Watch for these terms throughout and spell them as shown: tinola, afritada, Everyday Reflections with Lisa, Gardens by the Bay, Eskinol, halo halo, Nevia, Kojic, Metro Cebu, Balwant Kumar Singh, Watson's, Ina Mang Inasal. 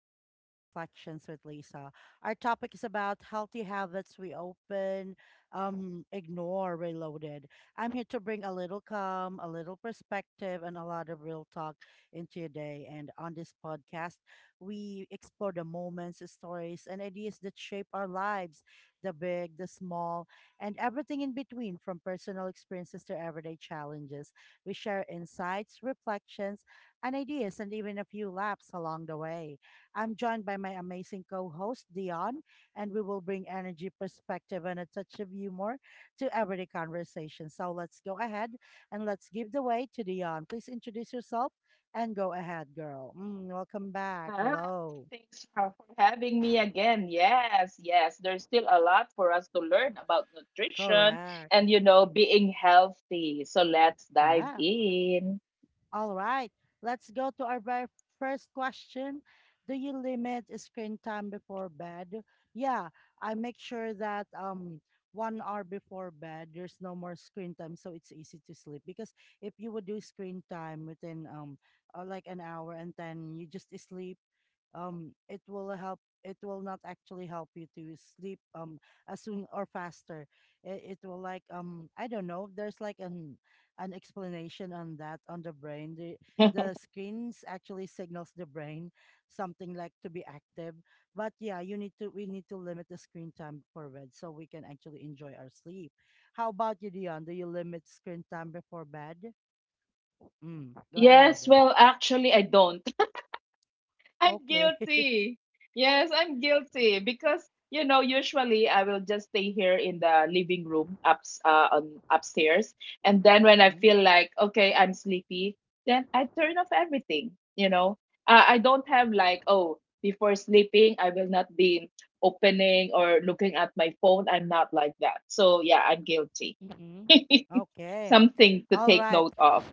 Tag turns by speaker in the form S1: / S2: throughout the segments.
S1: to Everyday Reflections with Lisa. Our topic is about healthy habits we open, ignore, reloaded. I'm here to bring a little calm, a little perspective, and a lot of real talk into your day. And on this podcast, we explore the moments, stories, and ideas that shape our lives, the big, the small, and everything in between, from personal experiences to everyday challenges. We share insights, reflections, and ideas, and even a few laughs along the way. I'm joined by my amazing co host, Dion, and we will bring energy, perspective, and a touch of humor to everyday conversation. So let's go ahead and let's give the way to Dion. Please introduce yourself and go ahead, girl. Welcome back.
S2: Ah,
S1: Hello.
S2: thanks for having me again. Yes, yes, there's still a lot for us to learn about nutrition
S1: Correct.
S2: and, you know, being healthy. So let's dive
S1: Yeah.
S2: in.
S1: All right, let's go to our very first question. Do you limit screen time before bed? Yeah, I make sure that one hour before bed there's no more screen time, so it's easy to sleep, because if you would do screen time within like an hour and then you just sleep, it will not actually help you to sleep as soon or faster it will like, I don't know, there's like an explanation on that, on the brain. The screens actually signals the brain something, like, to be active. But yeah, you need to we need to limit the screen time before bed so we can actually enjoy our sleep. How about you, Dion? Do you limit screen time before bed? Go
S2: Yes,
S1: ahead.
S2: well, actually, I don't. I'm
S1: Okay.
S2: guilty. Yes, I'm guilty because you know usually I will just stay here in the living room upstairs, and then when I
S1: Mhm,
S2: feel like okay I'm sleepy, then I turn off everything, you know. I don't have like, oh, before sleeping I will not be opening or looking at my phone. I'm not like that, so yeah, I'm guilty.
S1: mhm. Okay.
S2: Something to
S1: All
S2: take
S1: right.
S2: note of.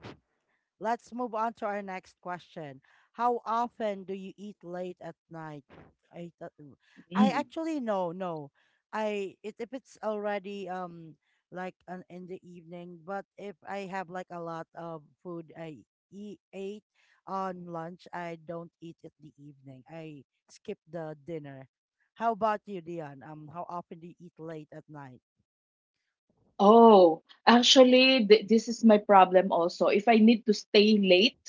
S1: Let's move on to our next question. How often do you eat late at night? I thought- I
S2: Mm.
S1: actually, no, no. I It, if it's already in the evening, but if I have like a lot of food I eat ate on lunch, I don't eat at the evening. I skip the dinner. How about you, Dion? How often do you eat late at night?
S2: Oh, actually, this is my problem also. If I need to stay late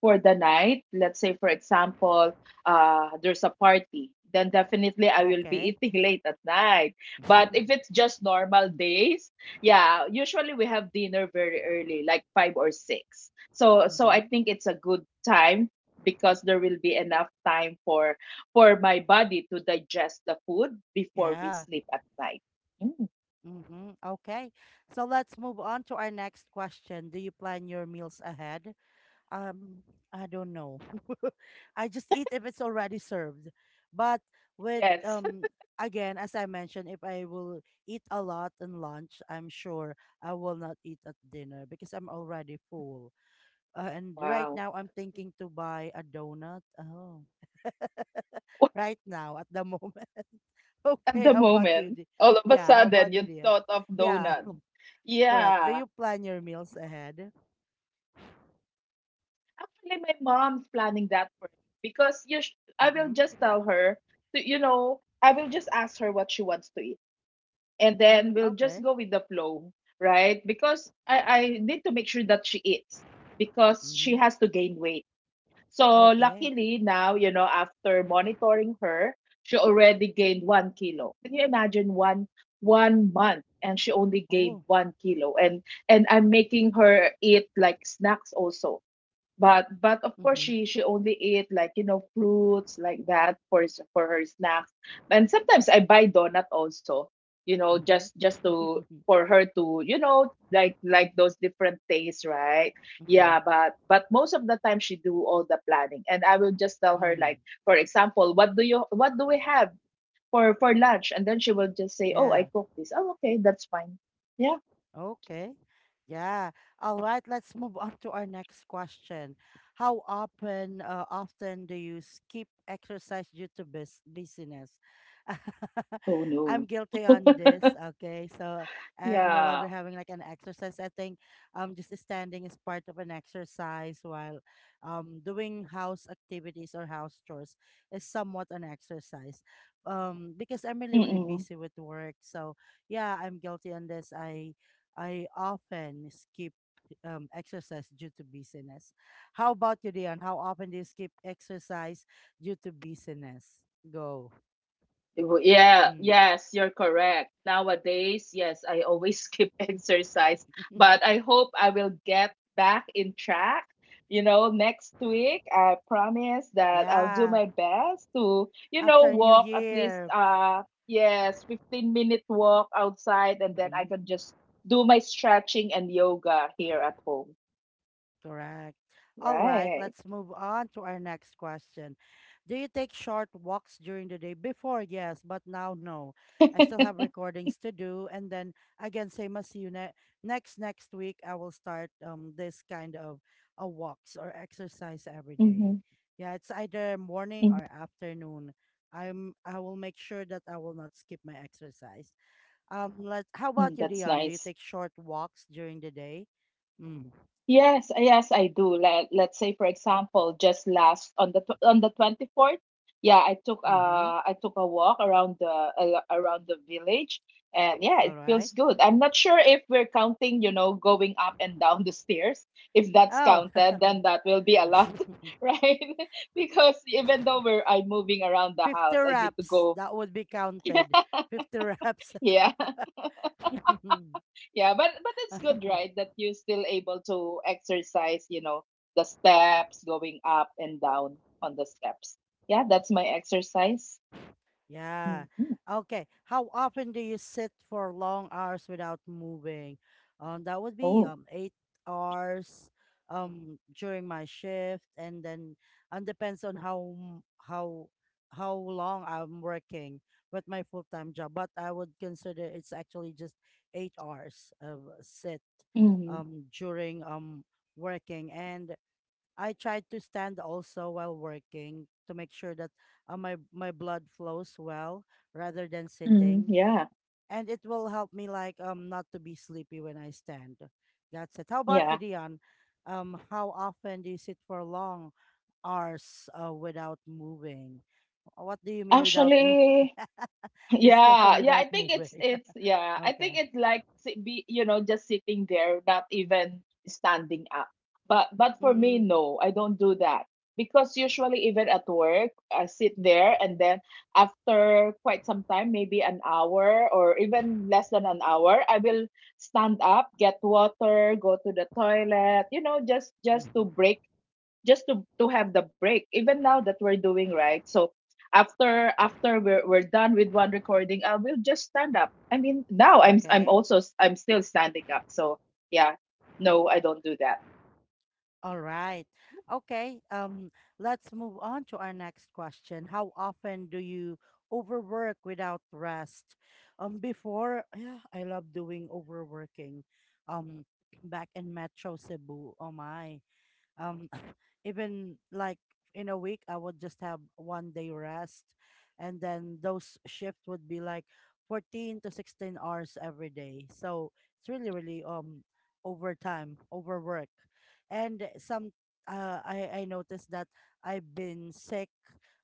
S2: for the night, let's say, for example, there's a party, then definitely I will be
S1: Okay.
S2: eating late at night. But if it's just normal days, yeah, usually we have dinner very early, like five or six. So, so I
S1: Mm-hmm.
S2: think it's a good time because there will be enough time for my body to digest the food before we
S1: Yeah.
S2: sleep at night. Mm.
S1: Mm-hmm. Okay. So let's move on to our next question. Do you plan your meals ahead? Um, I don't know. I just eat if it's already served. But with
S2: Yes.
S1: again, as I mentioned, if I will eat a lot in lunch, I'm sure I will not eat at dinner because I'm already full. And right
S2: Wow.
S1: now I'm thinking to buy a donut. Oh, right now, at the moment.
S2: At
S1: Okay,
S2: the
S1: how about you?
S2: moment, all of a
S1: Yeah, how
S2: sudden,
S1: about you,
S2: you
S1: Dian?
S2: thought of
S1: Yeah.
S2: donut.
S1: Correct. Do
S2: Yeah.
S1: you plan your meals ahead?
S2: Actually, my mom's planning that for me because you I will
S1: Mm-hmm.
S2: just tell her to, you know, I will just ask her what she wants to eat. And
S1: Mm,
S2: then we'll just
S1: okay.
S2: go with the flow, right? Because I need to make sure that she eats because she
S1: Mm-hmm.
S2: has to gain weight. So
S1: Okay.
S2: luckily now, you know, after monitoring her, she already gained 1 kilo. Can you imagine one month and she only gained
S1: Oh.
S2: 1 kilo? And I'm making her eat like snacks also. But of course
S1: Mm-hmm.
S2: she only ate like, you know, fruits like that for for her snacks. And sometimes I buy donut also, you know, just to,
S1: Mm-hmm.
S2: for her to, you know, like those different things, right? Yeah,
S1: Mm-hmm.
S2: but most of the time she do all the planning, and I will just tell her
S1: Mm.
S2: like, for example, what do we have for lunch? And then she will just say, oh, I
S1: Yeah.
S2: cook this. Oh, okay, that's fine. Yeah.
S1: Okay. Yeah. All right. Let's move on to our next question. How often do you skip exercise due to busyness?
S2: Oh
S1: I'm
S2: no.
S1: guilty on this. Okay. So I'm no
S2: Yeah.
S1: longer having like an exercise. I think just standing is part of an exercise, while, doing house activities or house chores, is somewhat an exercise. Because I'm really, really
S2: Mm-mm.
S1: busy with work. So yeah, I'm guilty on this. I often skip exercise due to busyness. How about you, Dion? How often do you skip exercise due to busyness? Go.
S2: Yeah,
S1: Mm.
S2: yes, you're correct. Nowadays, yes, I always skip exercise, but I hope I will get back in track. You know, next week, I promise that I'll do
S1: Yeah.
S2: my best to, you know,
S1: After New
S2: walk at least
S1: Year.
S2: yes, 15-minute walk outside, and then I
S1: Mm-hmm.
S2: can just do my stretching and yoga here at home.
S1: Correct. All right,
S2: Right.
S1: let's move on to our next question. Do you take short walks during the day? Before, yes, but now, no. I still have recordings to do. And then, again, same as you, next week, I will start, this kind of a walks or exercise every day.
S2: Mhm.
S1: Yeah, it's either morning
S2: Mhm.
S1: or afternoon. I will make sure that I will not skip my exercise. Let how about
S2: Mm,
S1: you,
S2: that's
S1: Dion? Do you
S2: nice.
S1: take short walks during the day? Mm.
S2: Yes, yes, I do. Let, let's say for example, just last on the on the 24th, yeah,
S1: Mm-hmm.
S2: I took a walk around the around the village, and yeah, it
S1: All
S2: feels
S1: right.
S2: good. I'm not sure if we're counting, you know, going up and down the stairs. If that's
S1: Oh,
S2: counted, then that will be a lot,
S1: 50
S2: right? Because even though we're I'm moving around the house, I need to
S1: reps.
S2: go.
S1: That would be counted. 50 reps.
S2: Yeah. Yeah, but it's good, right? That you're still able to exercise, you know, the steps, going up and down on the steps. Yeah, that's my exercise.
S1: Yeah.
S2: Hmm.
S1: Okay. How often do you sit for long hours without moving? That would be
S2: Oh.
S1: 8 hours during my shift, and then and depends on how long I'm working with my full time job. But I would consider it's actually just 8 hours of sit,
S2: Hmm.
S1: during, working, and I tried to stand also while working to make sure that, my blood flows well rather than
S2: Hmm,
S1: sitting,
S2: yeah,
S1: and it will help me, like, not to be sleepy when I stand. That's it. How about you,
S2: yeah.
S1: Dion? How often do you sit for long hours, without moving? What do you mean without moving?
S2: Actually,
S1: This question,
S2: yeah, yeah, I
S1: without
S2: think
S1: moving.
S2: it's yeah, I think
S1: Okay.
S2: it's like be, you know, just sitting there, not even standing up. But for me,
S1: Mm-hmm.
S2: no, I don't do that because usually even at work, I sit there, and then after quite some time, maybe an hour or even less than an hour, I will stand up, get water, go to the toilet, you know, just to
S1: Mm-hmm.
S2: break, just to have the break. Even now that we're doing, right? So after we're done with one recording, I will just stand up. I mean, now I'm
S1: Okay.
S2: also I'm still standing up, so yeah, no, I don't do that.
S1: All right. Okay. Let's move on to our next question. How often do you overwork without rest? Before, yeah, I love doing overworking. Um, back in Metro Cebu. Oh my, um even like in a week I would just have one day rest, and then those shifts would be like 14 to 16 hours every day, so it's really really, overtime, overwork. And some, I noticed that I've been sick,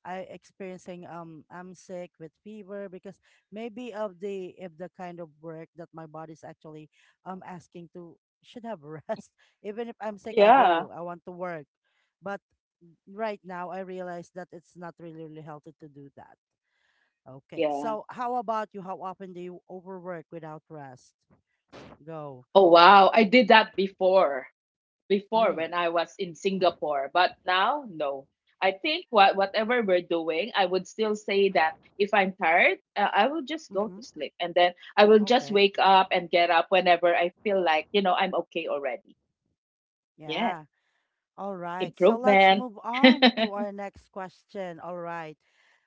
S1: I'm sick with fever, because maybe of the if the kind of work that my body's actually, asking to, should have rest. Even if I'm sick, I
S2: Yeah.
S1: go. I want to work. But right now, I realize that it's not really, really healthy to do that. Okay.
S2: Yeah.
S1: So, how about you? How often do you overwork without rest? Go.
S2: Oh wow, I did that before. Before,
S1: Mm.
S2: when I was in Singapore, but now no. I think whatever we're doing, I would still say that if I'm tired, I will just go to
S1: Mm-hmm.
S2: sleep, and then I will just
S1: Okay.
S2: wake up and get up whenever I feel like, you know, I'm okay already. Yeah,
S1: Yeah. All right. So, let's
S2: improvement.
S1: move on to our next question. All right.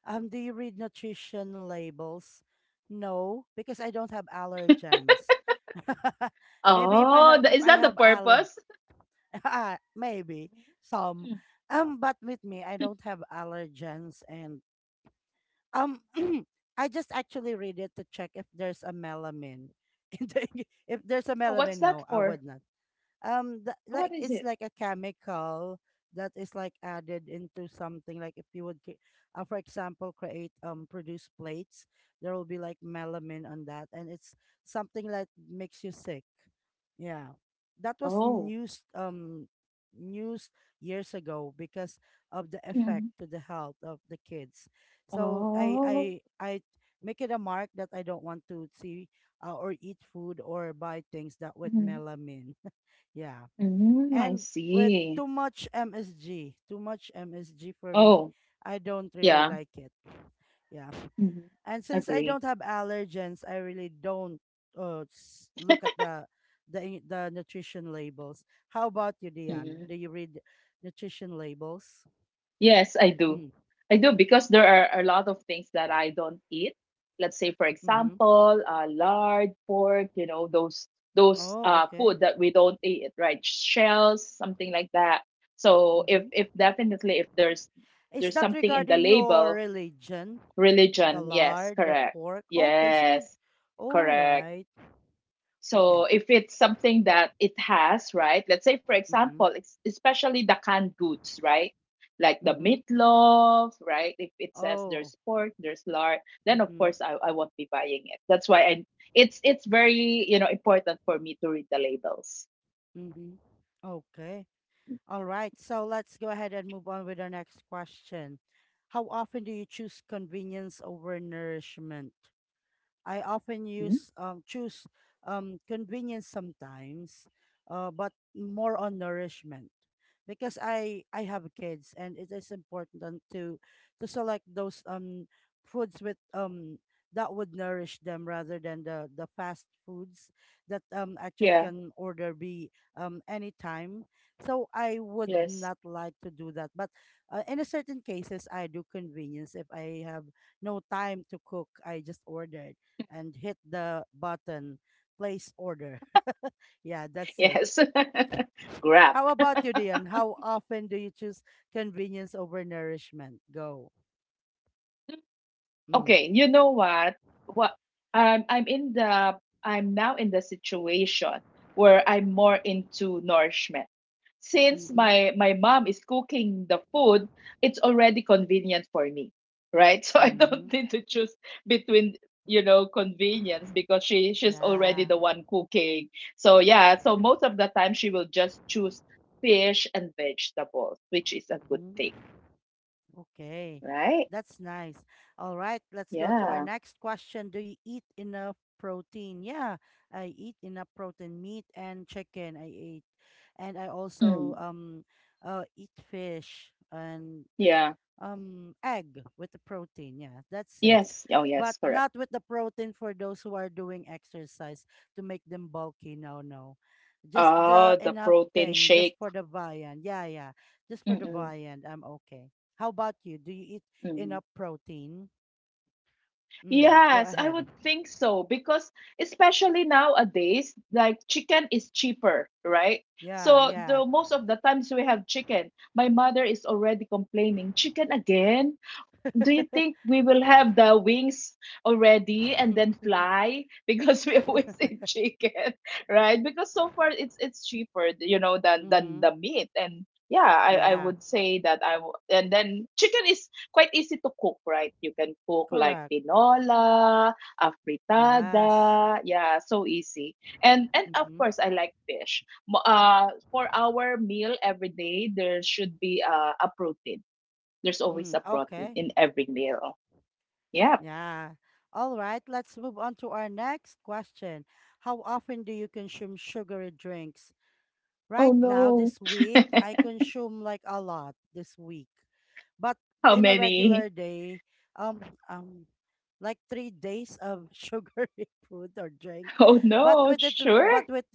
S1: Do you read nutrition labels? No, because I don't have allergens. Maybe if I
S2: Oh,
S1: have
S2: the,
S1: if
S2: is
S1: I
S2: that the
S1: have al
S2: purpose?
S1: ah, maybe some.
S2: Mm.
S1: But with me, I don't have allergens, and, um, I just actually read it to check if there's a melanin. in the If there's a
S2: Oh, what's
S1: melanin,
S2: that
S1: no, I
S2: for?
S1: would not.
S2: What
S1: Like
S2: is
S1: it's
S2: it?
S1: like a chemical that is like added into something. Like if you would, for example, create, produce plates, there will be like melanin on that, and it's something like makes you sick. Yeah. That was
S2: Oh.
S1: news years ago, because of the effect
S2: Mm.
S1: to the health of the kids. So
S2: Oh.
S1: I make it a mark that I don't want to see, or eat food or buy things that with
S2: Mm.
S1: melamine. Yeah.
S2: Mm, I
S1: And with
S2: see.
S1: too much MSG, too much MSG for me,
S2: Oh,
S1: I don't really
S2: yeah.
S1: like it. Yeah.
S2: Mhm.
S1: And since I
S2: Agree.
S1: don't have allergens, I really don't, look at the nutrition labels. How about you, Diane?
S2: Mm-hmm.
S1: Do you read nutrition labels?
S2: Yes, I do.
S1: Mm,
S2: I do because there are a lot of things that I don't eat. Let's say, for
S1: mm-hmm.
S2: example, lard, pork. You know, those
S1: Oh, okay.
S2: food that we don't eat, right? Shells, something like that. So if
S1: Mm-hmm.
S2: if definitely if there's
S1: Is
S2: there's
S1: that
S2: something in the
S1: regarding your
S2: label,
S1: religion? The
S2: religion. Yes,
S1: lard, the
S2: correct.
S1: pork? Okay, so you.
S2: Yes,
S1: All
S2: correct.
S1: right.
S2: So
S1: Okay.
S2: if it's something that it has, right? Let's say, for example,
S1: Mm-hmm.
S2: it's especially the canned goods, right? Like the
S1: Mm-hmm.
S2: meatloaf, right? If it says there's
S1: Oh.
S2: pork, there's lard, then of
S1: Mm-hmm.
S2: course I won't be buying it. That's why I, it's very, you know, important for me to read the labels.
S1: Mm-hmm. Okay. All right, so let's go ahead and move on with our next question. How often do you choose convenience over nourishment? I often
S2: Mhm.
S1: use choose, convenience sometimes, but more on nourishment, because I have kids and it is important, and to select those, foods with, that would nourish them, rather than the fast foods that, actually
S2: Yeah.
S1: can order be, anytime. So I would
S2: Yes.
S1: not like to do that, but, in a certain cases I do convenience if I have no time to cook. I just order and hit the button, place order. Yeah, that's it.
S2: Yes. Grab.
S1: How about you, Dion? How often do you choose convenience over nourishment? Go. Mm.
S2: Okay, you know what? What, I'm in the, I'm now in the situation where I'm more into nourishment. Since
S1: Mm-hmm.
S2: my mom is cooking the food, it's already convenient for me, right? So I
S1: Mm-hmm.
S2: don't need to choose between, you know, convenience because she's already
S1: Yeah.
S2: the one cooking. So yeah, so most of the time she will just choose fish and vegetables, which is a good thing,
S1: Mm-hmm. Okay.
S2: right?
S1: That's nice. All right, let's go to our
S2: Yeah.
S1: next question. Do you eat enough protein? Yeah, I eat enough protein, meat and chicken I eat, and I also,
S2: Mm.
S1: eat fish and,
S2: Yeah.
S1: egg, with the protein, yeah, that's it.
S2: Yes. Oh,
S1: But
S2: yes, correct.
S1: not with the protein for those who are doing exercise to make them bulky. No, no, just the
S2: Ah, the
S1: enough
S2: protein
S1: thing, just
S2: shake.
S1: for the viand, yeah, yeah, just for the
S2: Mm-mm,
S1: viand, I'm okay. How about you, do you eat
S2: mm-hmm.
S1: enough protein? Go
S2: Yes, I
S1: ahead.
S2: would think so, because especially nowadays, like, chicken is cheaper, right?
S1: Yeah,
S2: So
S1: yeah.
S2: the most of the times we have chicken, my mother is already complaining, chicken again? Do you think we will have the wings already and then fly? Because we always eat chicken. Right, because so far it's cheaper, you know, than
S1: Mm-hmm.
S2: the meat. And yeah, I
S1: Yeah.
S2: would say that and then chicken is quite easy to cook, right? You can cook like
S1: Correct.
S2: tinola,
S1: Yes.
S2: afritada, yeah, so easy. And of
S1: Mm-hmm.
S2: course I like fish. For our meal every day there should be a protein. There's always
S1: Mm,
S2: a protein
S1: okay.
S2: in every meal. Yep.
S1: Yeah. All right, let's move on to our next question. How often do you consume sugary drinks?
S2: Oh
S1: Right now,
S2: no.
S1: this week, I consume like a lot this week. But
S2: How
S1: in a
S2: many?
S1: regular day, um, um, like 3 days of sugary food or drink.
S2: Oh
S1: But
S2: no,
S1: with it, but
S2: sure.
S1: with,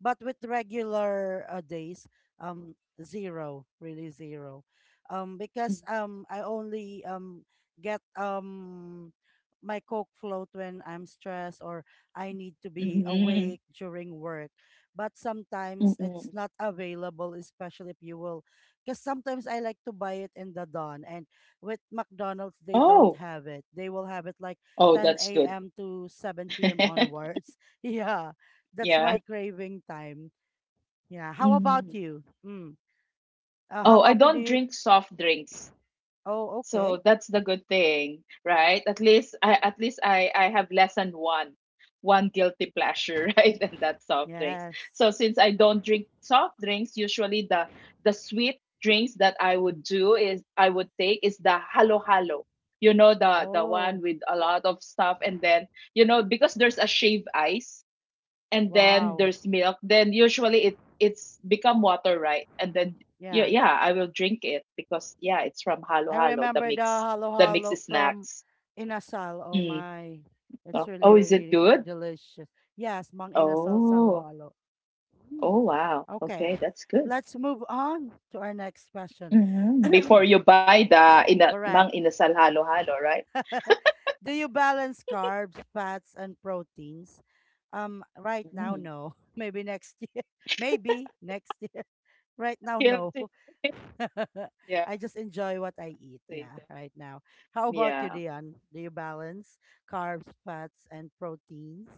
S1: but with regular, days, um, zero, really zero. Because, I only, get, my coke float when I'm stressed or I need to be
S2: Mm-hmm.
S1: awake during work, but sometimes it's
S2: Mm-mm.
S1: not available, especially if you will. Because sometimes I like to buy it in the dawn, and with McDonald's, they don't
S2: Oh,
S1: have it. They will have it like
S2: oh, that's
S1: 10
S2: good.
S1: a.m. to 7 p.m. onwards. Yeah, that's
S2: Yeah.
S1: my craving time. Yeah. How about
S2: Mm.
S1: you? Mm. How
S2: Oh, I
S1: often do
S2: don't
S1: you?
S2: drink soft drinks.
S1: Oh, okay.
S2: So that's the good thing, right? At least I, at least I have less than one guilty pleasure, right? And that's soft drinks.
S1: Yes.
S2: So since I don't drink soft drinks, usually the sweet drinks that I would take is the halo halo. You know, the
S1: Oh,
S2: one with a lot of stuff, and then, you know, because there's a shaved ice and then
S1: wow.
S2: there's milk, then usually it's become water, right? And then yeah,
S1: Yeah.
S2: yeah, I will drink it because yeah, it's from halo
S1: I
S2: halo, the
S1: remember the
S2: mix,
S1: halo
S2: the mixed
S1: halo from
S2: snacks.
S1: Inasal. Oh
S2: Mm.
S1: my, it's
S2: Oh,
S1: really
S2: oh, is it
S1: really
S2: good?
S1: delicious. Yes, Mang Inasal's
S2: Oh.
S1: halo halo. Hmm.
S2: Oh wow,
S1: Okay,
S2: okay, that's good.
S1: let's move on to our next question.
S2: Hmm, before you buy the ina mang
S1: Correct.
S2: inasal halo halo, right?
S1: Do you balance carbs, fats, and proteins? Right now,
S2: Mm.
S1: no. Maybe next year. Maybe next year. Right now, no.
S2: Guilty. Yeah.
S1: I just enjoy what I eat. Yeah,
S2: Guilty.
S1: right now. How about you,
S2: Yeah,
S1: Dion? Do you balance carbs, fats, and proteins?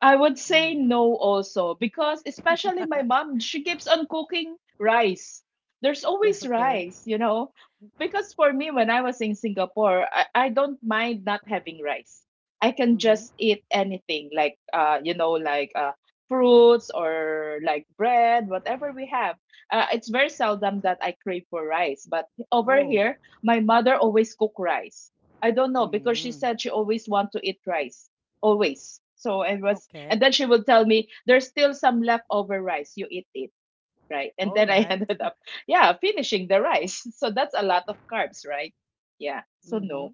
S2: I would say
S1: Mm.
S2: no also because especially my mom, she keeps on cooking rice. There's always
S1: Okay.
S2: rice, you know. Because for me, when I was in Singapore, I don't mind not having rice. I can
S1: Mm-hmm.
S2: just eat anything like, you know, like fruits or like bread, whatever we have. It's very seldom that I crave for rice. But over
S1: Oh.
S2: here, my mother always cook rice. I don't know because she
S1: Mm.
S2: said she always want to eat rice always. So I was, and
S1: Okay.
S2: then she would tell me, "There's still some leftover rice. You eat it, right?" And
S1: All
S2: then I
S1: right.
S2: ended up, yeah, finishing the rice. So that's a lot of carbs, right? Yeah. So
S1: Mm-hmm.
S2: no.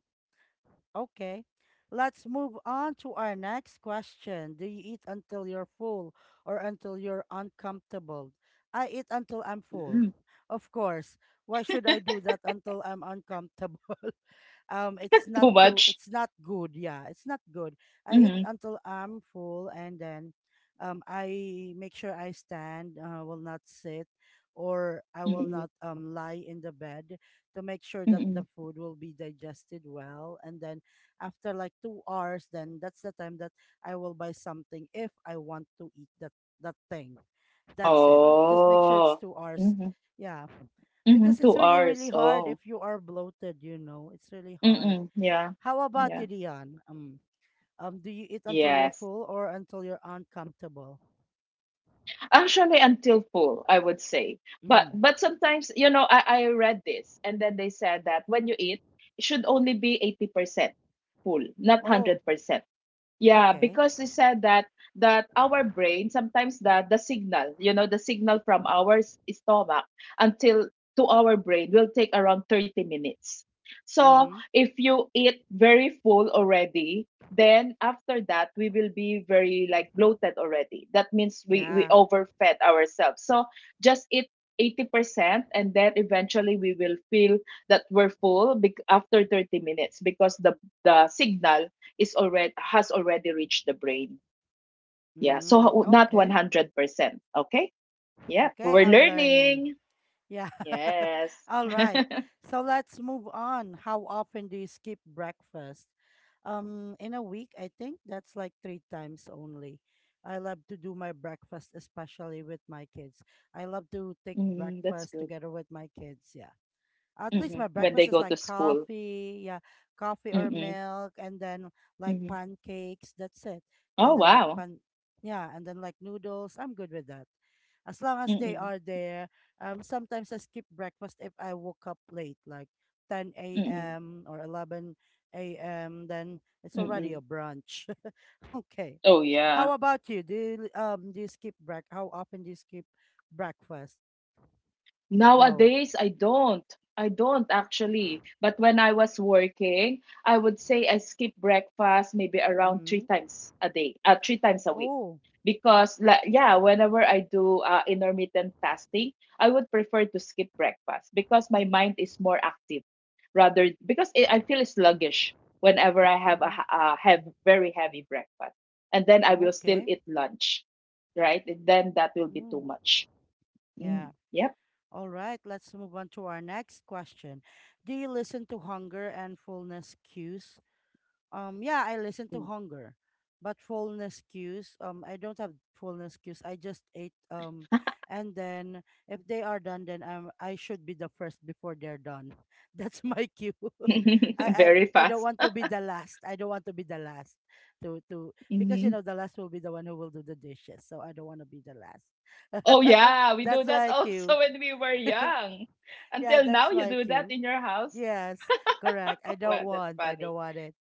S1: Okay. Let's move on to our next question. Do you eat until you're full or until you're uncomfortable? I eat until I'm full.
S2: Mm.
S1: Of course. Why should I do that until I'm uncomfortable? It's not
S2: Too
S1: too
S2: much.
S1: it's not good. Yeah, it's not good. I eat
S2: Mm-hmm.
S1: until I'm full, and then I make sure I stand, will not sit, or I will
S2: Mm-hmm.
S1: not lie in the bed to make sure that
S2: Mm-hmm.
S1: the food will be digested well. And then after like 2 hours, then that's the time that I will buy something if I want to eat that thing. That's it, just make sure it's
S2: Oh.
S1: 2 hours.
S2: Mm-hmm.
S1: Yeah,
S2: Mm-hmm.
S1: because it's
S2: Two
S1: really really
S2: hours.
S1: hard
S2: Oh.
S1: if you are bloated, you know, it's really hard.
S2: Mm-mm. Yeah.
S1: How about
S2: Yeah.
S1: you, Dion? Do you eat until you're
S2: Yes.
S1: full or until you're uncomfortable?
S2: Actually, until full, I would say. But
S1: Mm.
S2: but sometimes, you know, I read this, and then they said that when you eat, it should only be 80% full, not
S1: Oh,
S2: 100%. Yeah,
S1: okay.
S2: because they said that, that our brain sometimes, the signal, you know, the signal from our stomach until to our brain will take around 30 minutes. So
S1: Mm-hmm.
S2: if you eat very full already, then after that we will be very like bloated already. That means we
S1: Yeah.
S2: overfed ourselves. So just eat 80%, and then eventually we will feel that we're full after 30 minutes because the signal is already has already reached the brain. Yeah,
S1: Mm.
S2: so not
S1: Okay.
S2: 100%. Okay? Yeah,
S1: Okay,
S2: we're
S1: I'm learning.
S2: learning.
S1: Yeah.
S2: Yes.
S1: All right. So let's move on. How often do you skip breakfast? In a week, I think that's like three times only. I love to do my breakfast, especially with my kids. I love to take
S2: Mm, that's
S1: breakfast
S2: good.
S1: together with my kids. Yeah. At least
S2: Hmm.
S1: my
S2: When they
S1: breakfast is
S2: go
S1: like
S2: to school.
S1: coffee, yeah, coffee or
S2: Mm-mm,
S1: milk, and then like
S2: mm-mm.
S1: pancakes. That's it.
S2: Oh,
S1: And then like
S2: wow.
S1: pan, Yeah, and then like noodles. I'm good with that. As long as they
S2: Mm-mm,
S1: are there. Sometimes I skip breakfast if I woke up late, like 10
S2: mm-mm,
S1: a.m. or 11 a.m. Then it's already
S2: mm-mm.
S1: a brunch. Okay.
S2: Oh,
S1: How
S2: yeah.
S1: about you? Do you skip break? How often do you skip breakfast? Go.
S2: Nowadays, I don't. I don't actually. But when I was working, I would say I skip breakfast maybe around three
S1: Mm-hmm.
S2: times a day, three times a week.
S1: Oh.
S2: Whenever I do intermittent fasting, I would prefer to skip breakfast because my mind is more active rather because I feel sluggish whenever I have
S1: Mm-hmm.
S2: have very heavy breakfast. And then I will still
S1: Okay.
S2: eat lunch, right? Then that will be too
S1: Mm,
S2: much. Mm,
S1: yeah.
S2: yep.
S1: All right. Let's move on to our next question. Do you listen to hunger and fullness cues? Yeah, I listen to hunger, but fullness cues. I don't have fullness cues. I just ate. And then if they are done, then I should be the first before they're done. That's my cue.
S2: Very
S1: I don't
S2: fast.
S1: want to be the last. I don't want to be the last to because you
S2: Mhm.
S1: know the last will be the one who will do the dishes. So I don't want to be the last.
S2: Oh yeah, we do
S1: That's
S2: that
S1: my cue.
S2: also when we were young.
S1: Yeah,
S2: Until now,
S1: that's
S2: you
S1: my
S2: do that
S1: cue.
S2: in your house.
S1: Yes, correct. I don't
S2: Wow, that's
S1: want. I don't
S2: funny.
S1: want it.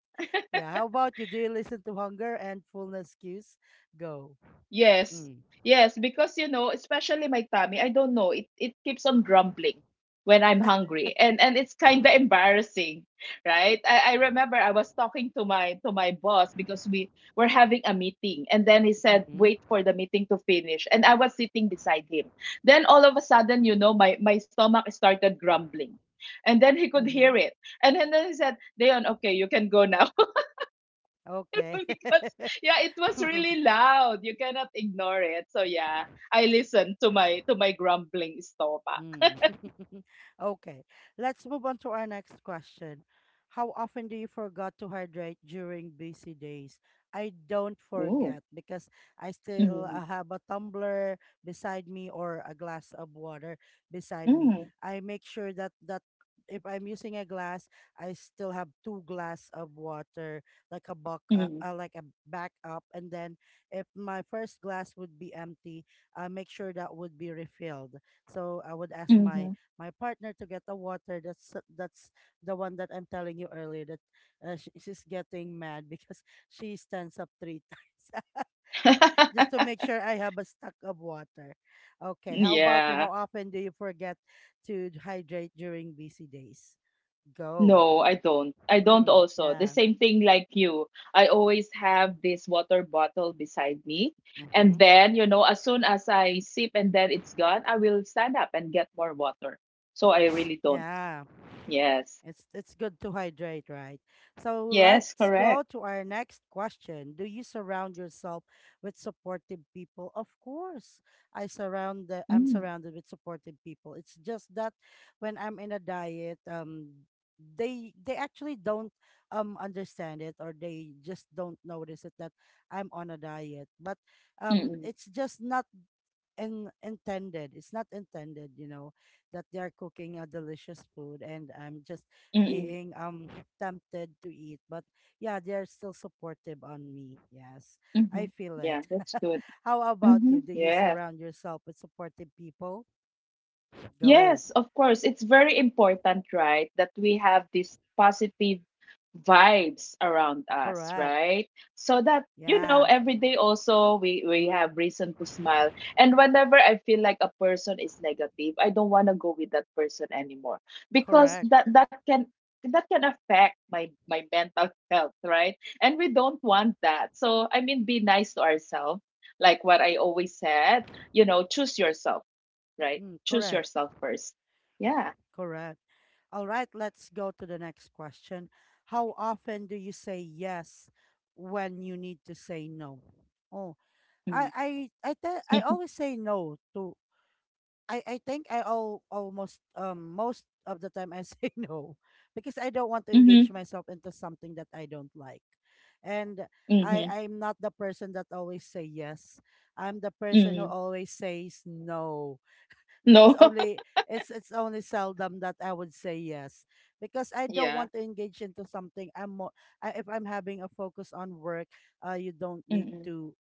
S1: Yeah. How about you? Do you listen to hunger and fullness cues? Go.
S2: Yes.
S1: Mm.
S2: Yes, because you know, especially my tummy, I don't know, it keeps on grumbling when I'm hungry. And it's kind of embarrassing, right? I remember I was talking to my boss because we were having a meeting and then he said,
S1: Mm-hmm.
S2: "Wait for the meeting to finish." And I was sitting beside him. Then all of a sudden, you know, my stomach started grumbling. And then he could hear
S1: Mm-hmm.
S2: it. And then he said, Leon, okay, you can go now.
S1: Okay.
S2: Because yeah, it was really loud. You cannot ignore it. So yeah, I listened to my grumbling stomach.
S1: Mm. Okay, let's move on to our next question. How often do you forget to hydrate during busy days? I don't
S2: Ooh.
S1: forget because I still
S2: Mm,
S1: have a tumbler beside me or a glass of water beside me.
S2: mm,
S1: I make sure that if I'm using a glass, I still have two glass of water, like a
S2: mm,
S1: like a backup. And then if my first glass would be empty, I make sure that would be refilled, so I would ask
S2: mhm.
S1: my partner to get the water. That's the one that I'm telling you earlier that she's getting mad because she stands up three times just to make sure I have a stock of water. Okay, how about you?
S2: Yeah.
S1: How often do you forget to hydrate during busy days? Go.
S2: No, I don't. I don't
S1: Mm,
S2: also. The
S1: yeah.
S2: same thing like you. I always have this water bottle beside me. And
S1: Mm-hmm.
S2: then, you know, as soon as I sip and then it's gone, I will stand up and get more water. So I really don't.
S1: Yeah.
S2: Yes.
S1: It's good to hydrate, right? So
S2: Yes,
S1: let's go
S2: correct.
S1: to our next question. Do you surround yourself with supportive people? Of course. I'm
S2: Mm.
S1: surrounded with supportive people. It's just that when I'm in a diet, they actually don't understand it, or they just don't notice it that I'm on a diet. But
S2: Mm-mm.
S1: it's just not intended. It's not intended, you know, that they are cooking a delicious food and I'm just
S2: Mm,
S1: being tempted to eat. But yeah, they are still supportive on me. Yes, I
S2: mhm.
S1: feel it.
S2: Yeah, that's good.
S1: How about you?
S2: Mhm.
S1: Do you
S2: Yeah,
S1: surround yourself with supportive people? Go.
S2: yes, of course. It's very important, right, that we have these positive vibes around us,
S1: Correct.
S2: right? So that, you know,
S1: Yeah.
S2: every day also we have reason to smile. And whenever I feel like a person is negative, I don't want to go with that person anymore because
S1: Correct.
S2: that can that can affect my my mental health, right? And we don't want that. So, I mean, be nice to ourselves. Like what I always said, you know, choose yourself right?
S1: Mm,
S2: Choose
S1: correct.
S2: yourself first. Yeah.
S1: Correct. All right, let's go to the next question. How often do you say yes when you need to say no? Oh, I
S2: Mm.
S1: I I always say no to I think I all almost most of the time I say no because I don't want to engage
S2: Mhm.
S1: myself into something that I don't like. And
S2: Mhm.
S1: I'm not the person that always say yes. I'm the person who
S2: Mhm.
S1: always says no.
S2: No.
S1: It's only seldom that I would say yes because I don't
S2: Yeah.
S1: want to engage into something I, if I'm having a focus on work, you don't need
S2: Mm-mm.
S1: to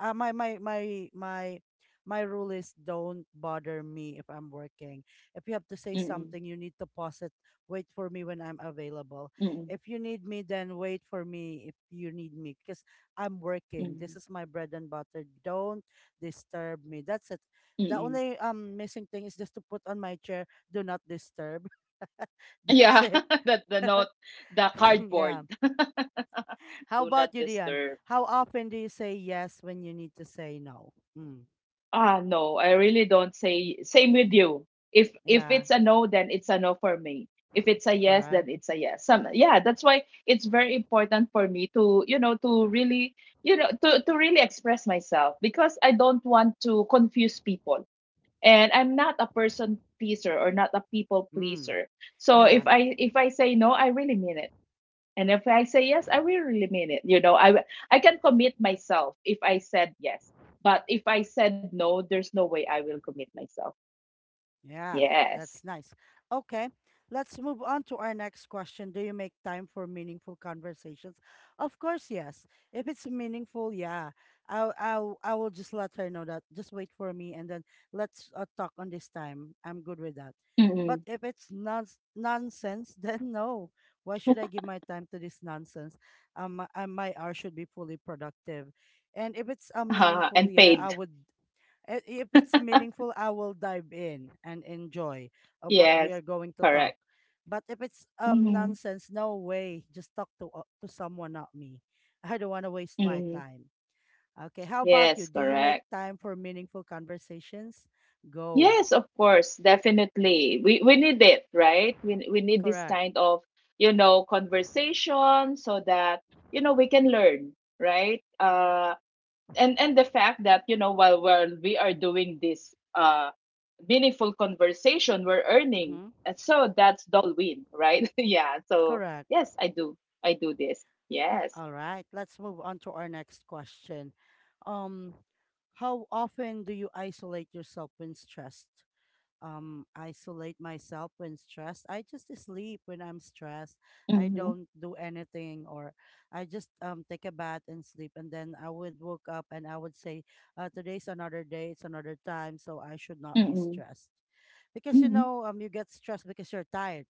S1: uh, my my my my my rule is don't bother me if I'm working. If you have to say
S2: Mm-mm.
S1: something, you need to pause it. Wait for me when I'm available.
S2: Mm-mm.
S1: If you need me, then wait for me if you need me because I'm working. This
S2: Mm-mm.
S1: is my bread and butter. Don't disturb me. That's it. The
S2: Mm-mm.
S1: only missing thing is just to put on my chair, do not disturb. That's
S2: Yeah.
S1: it.
S2: The note, the cardboard.
S1: Yeah. How
S2: Do
S1: about
S2: not
S1: you, Dion?
S2: disturb.
S1: How often do you say yes when you need to say no? Hmm.
S2: Ah, no, I really don't say same with you. If
S1: Yeah,
S2: it's a no, then it's a no for me. If it's a yes, then
S1: correct.
S2: it's a yes. Some yeah, that's why it's very important for me to, you know, to really, you know, to really express myself because I don't want to confuse people. And I'm not a person pleaser or not a people
S1: Mm,
S2: pleaser. So if
S1: yeah,
S2: I say no, I really mean it. And if I say yes, I will really mean it. You know, I can commit myself if I said yes. But if I said no, there's no way I will commit myself.
S1: yeah,
S2: Yes.
S1: that's nice. Okay, let's move on to our next question. Do you make time for meaningful conversations? Of course, yes. If it's meaningful, yeah, I will just let her know that. Just wait for me, and then let's talk on this time. I'm good with that. But
S2: Mm-mm.
S1: if it's nonsense, then no. Why should I give my time to this nonsense? My hour should be fully productive. And if it's meaningful,
S2: And
S1: yeah,
S2: paid.
S1: I- if it's meaningful, I will dive in and enjoy of what we
S2: Yes.
S1: are going to talk.
S2: Correct.
S1: But if it's
S2: Mm-hmm.
S1: nonsense, no way. Just talk to someone, not me. I don't want to waste my
S2: Mm-hmm.
S1: time. Okay, how about you?
S2: Yes,
S1: Do you make
S2: correct.
S1: time for meaningful conversations? Go.
S2: Yes, of course, definitely. We need it, right? We need this
S1: Correct.
S2: kind of, you know, conversation so that, you know, we can learn, right? And the fact that you know while we are doing this meaningful conversation we're earning
S1: Mm-hmm.
S2: and so that's the win right yeah so
S1: Correct.
S2: yes I do this yes.
S1: All right, let's move on to our next question. Um, how often do you isolate yourself when stressed? Isolate myself when stressed. I just sleep when I'm stressed. I
S2: Mm-hmm.
S1: don't do anything, or I just take a bath and sleep, and then I would woke up and I would say, "Today's another day. It's another time, so I should not be
S2: Mm-hmm.
S1: stressed." Because you
S2: Mm-hmm.
S1: know you get stressed because you're tired,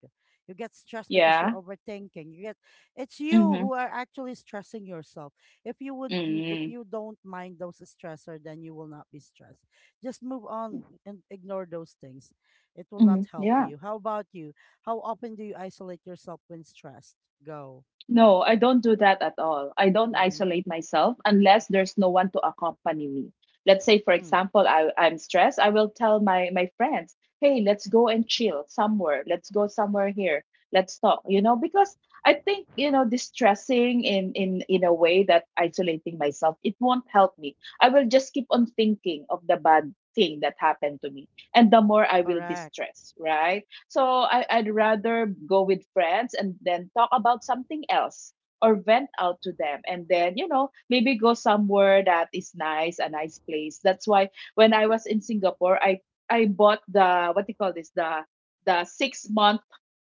S1: you get stressed because you're
S2: Yeah.
S1: overthinking, you get it's you
S2: Mm-hmm.
S1: who are actually stressing yourself. If you would if
S2: Mm-hmm.
S1: you don't mind those stressor, then you will not be stressed. Just move on and ignore those things, it will not
S2: Mm-hmm.
S1: help
S2: Yeah.
S1: you. How about you? How often do you isolate yourself when stressed? Go.
S2: No, I don't do that at all. I don't
S1: Mm-hmm.
S2: isolate myself unless there's no one to accompany me. Let's say, for
S1: Mm,
S2: example, I'm stressed. I will tell my friends, hey, let's go and chill somewhere. Let's go somewhere here. Let's talk, you know, because I think, you know, distressing in a way that isolating myself, it won't help me. I will just keep on thinking of the bad thing that happened to me. And the more I will be
S1: correct.
S2: stressed, right? So I'd rather go with friends and then talk about something else or vent out to them and then you know maybe go somewhere that is nice a nice place. That's why when I was in singapore i bought the what do you call this the 6-month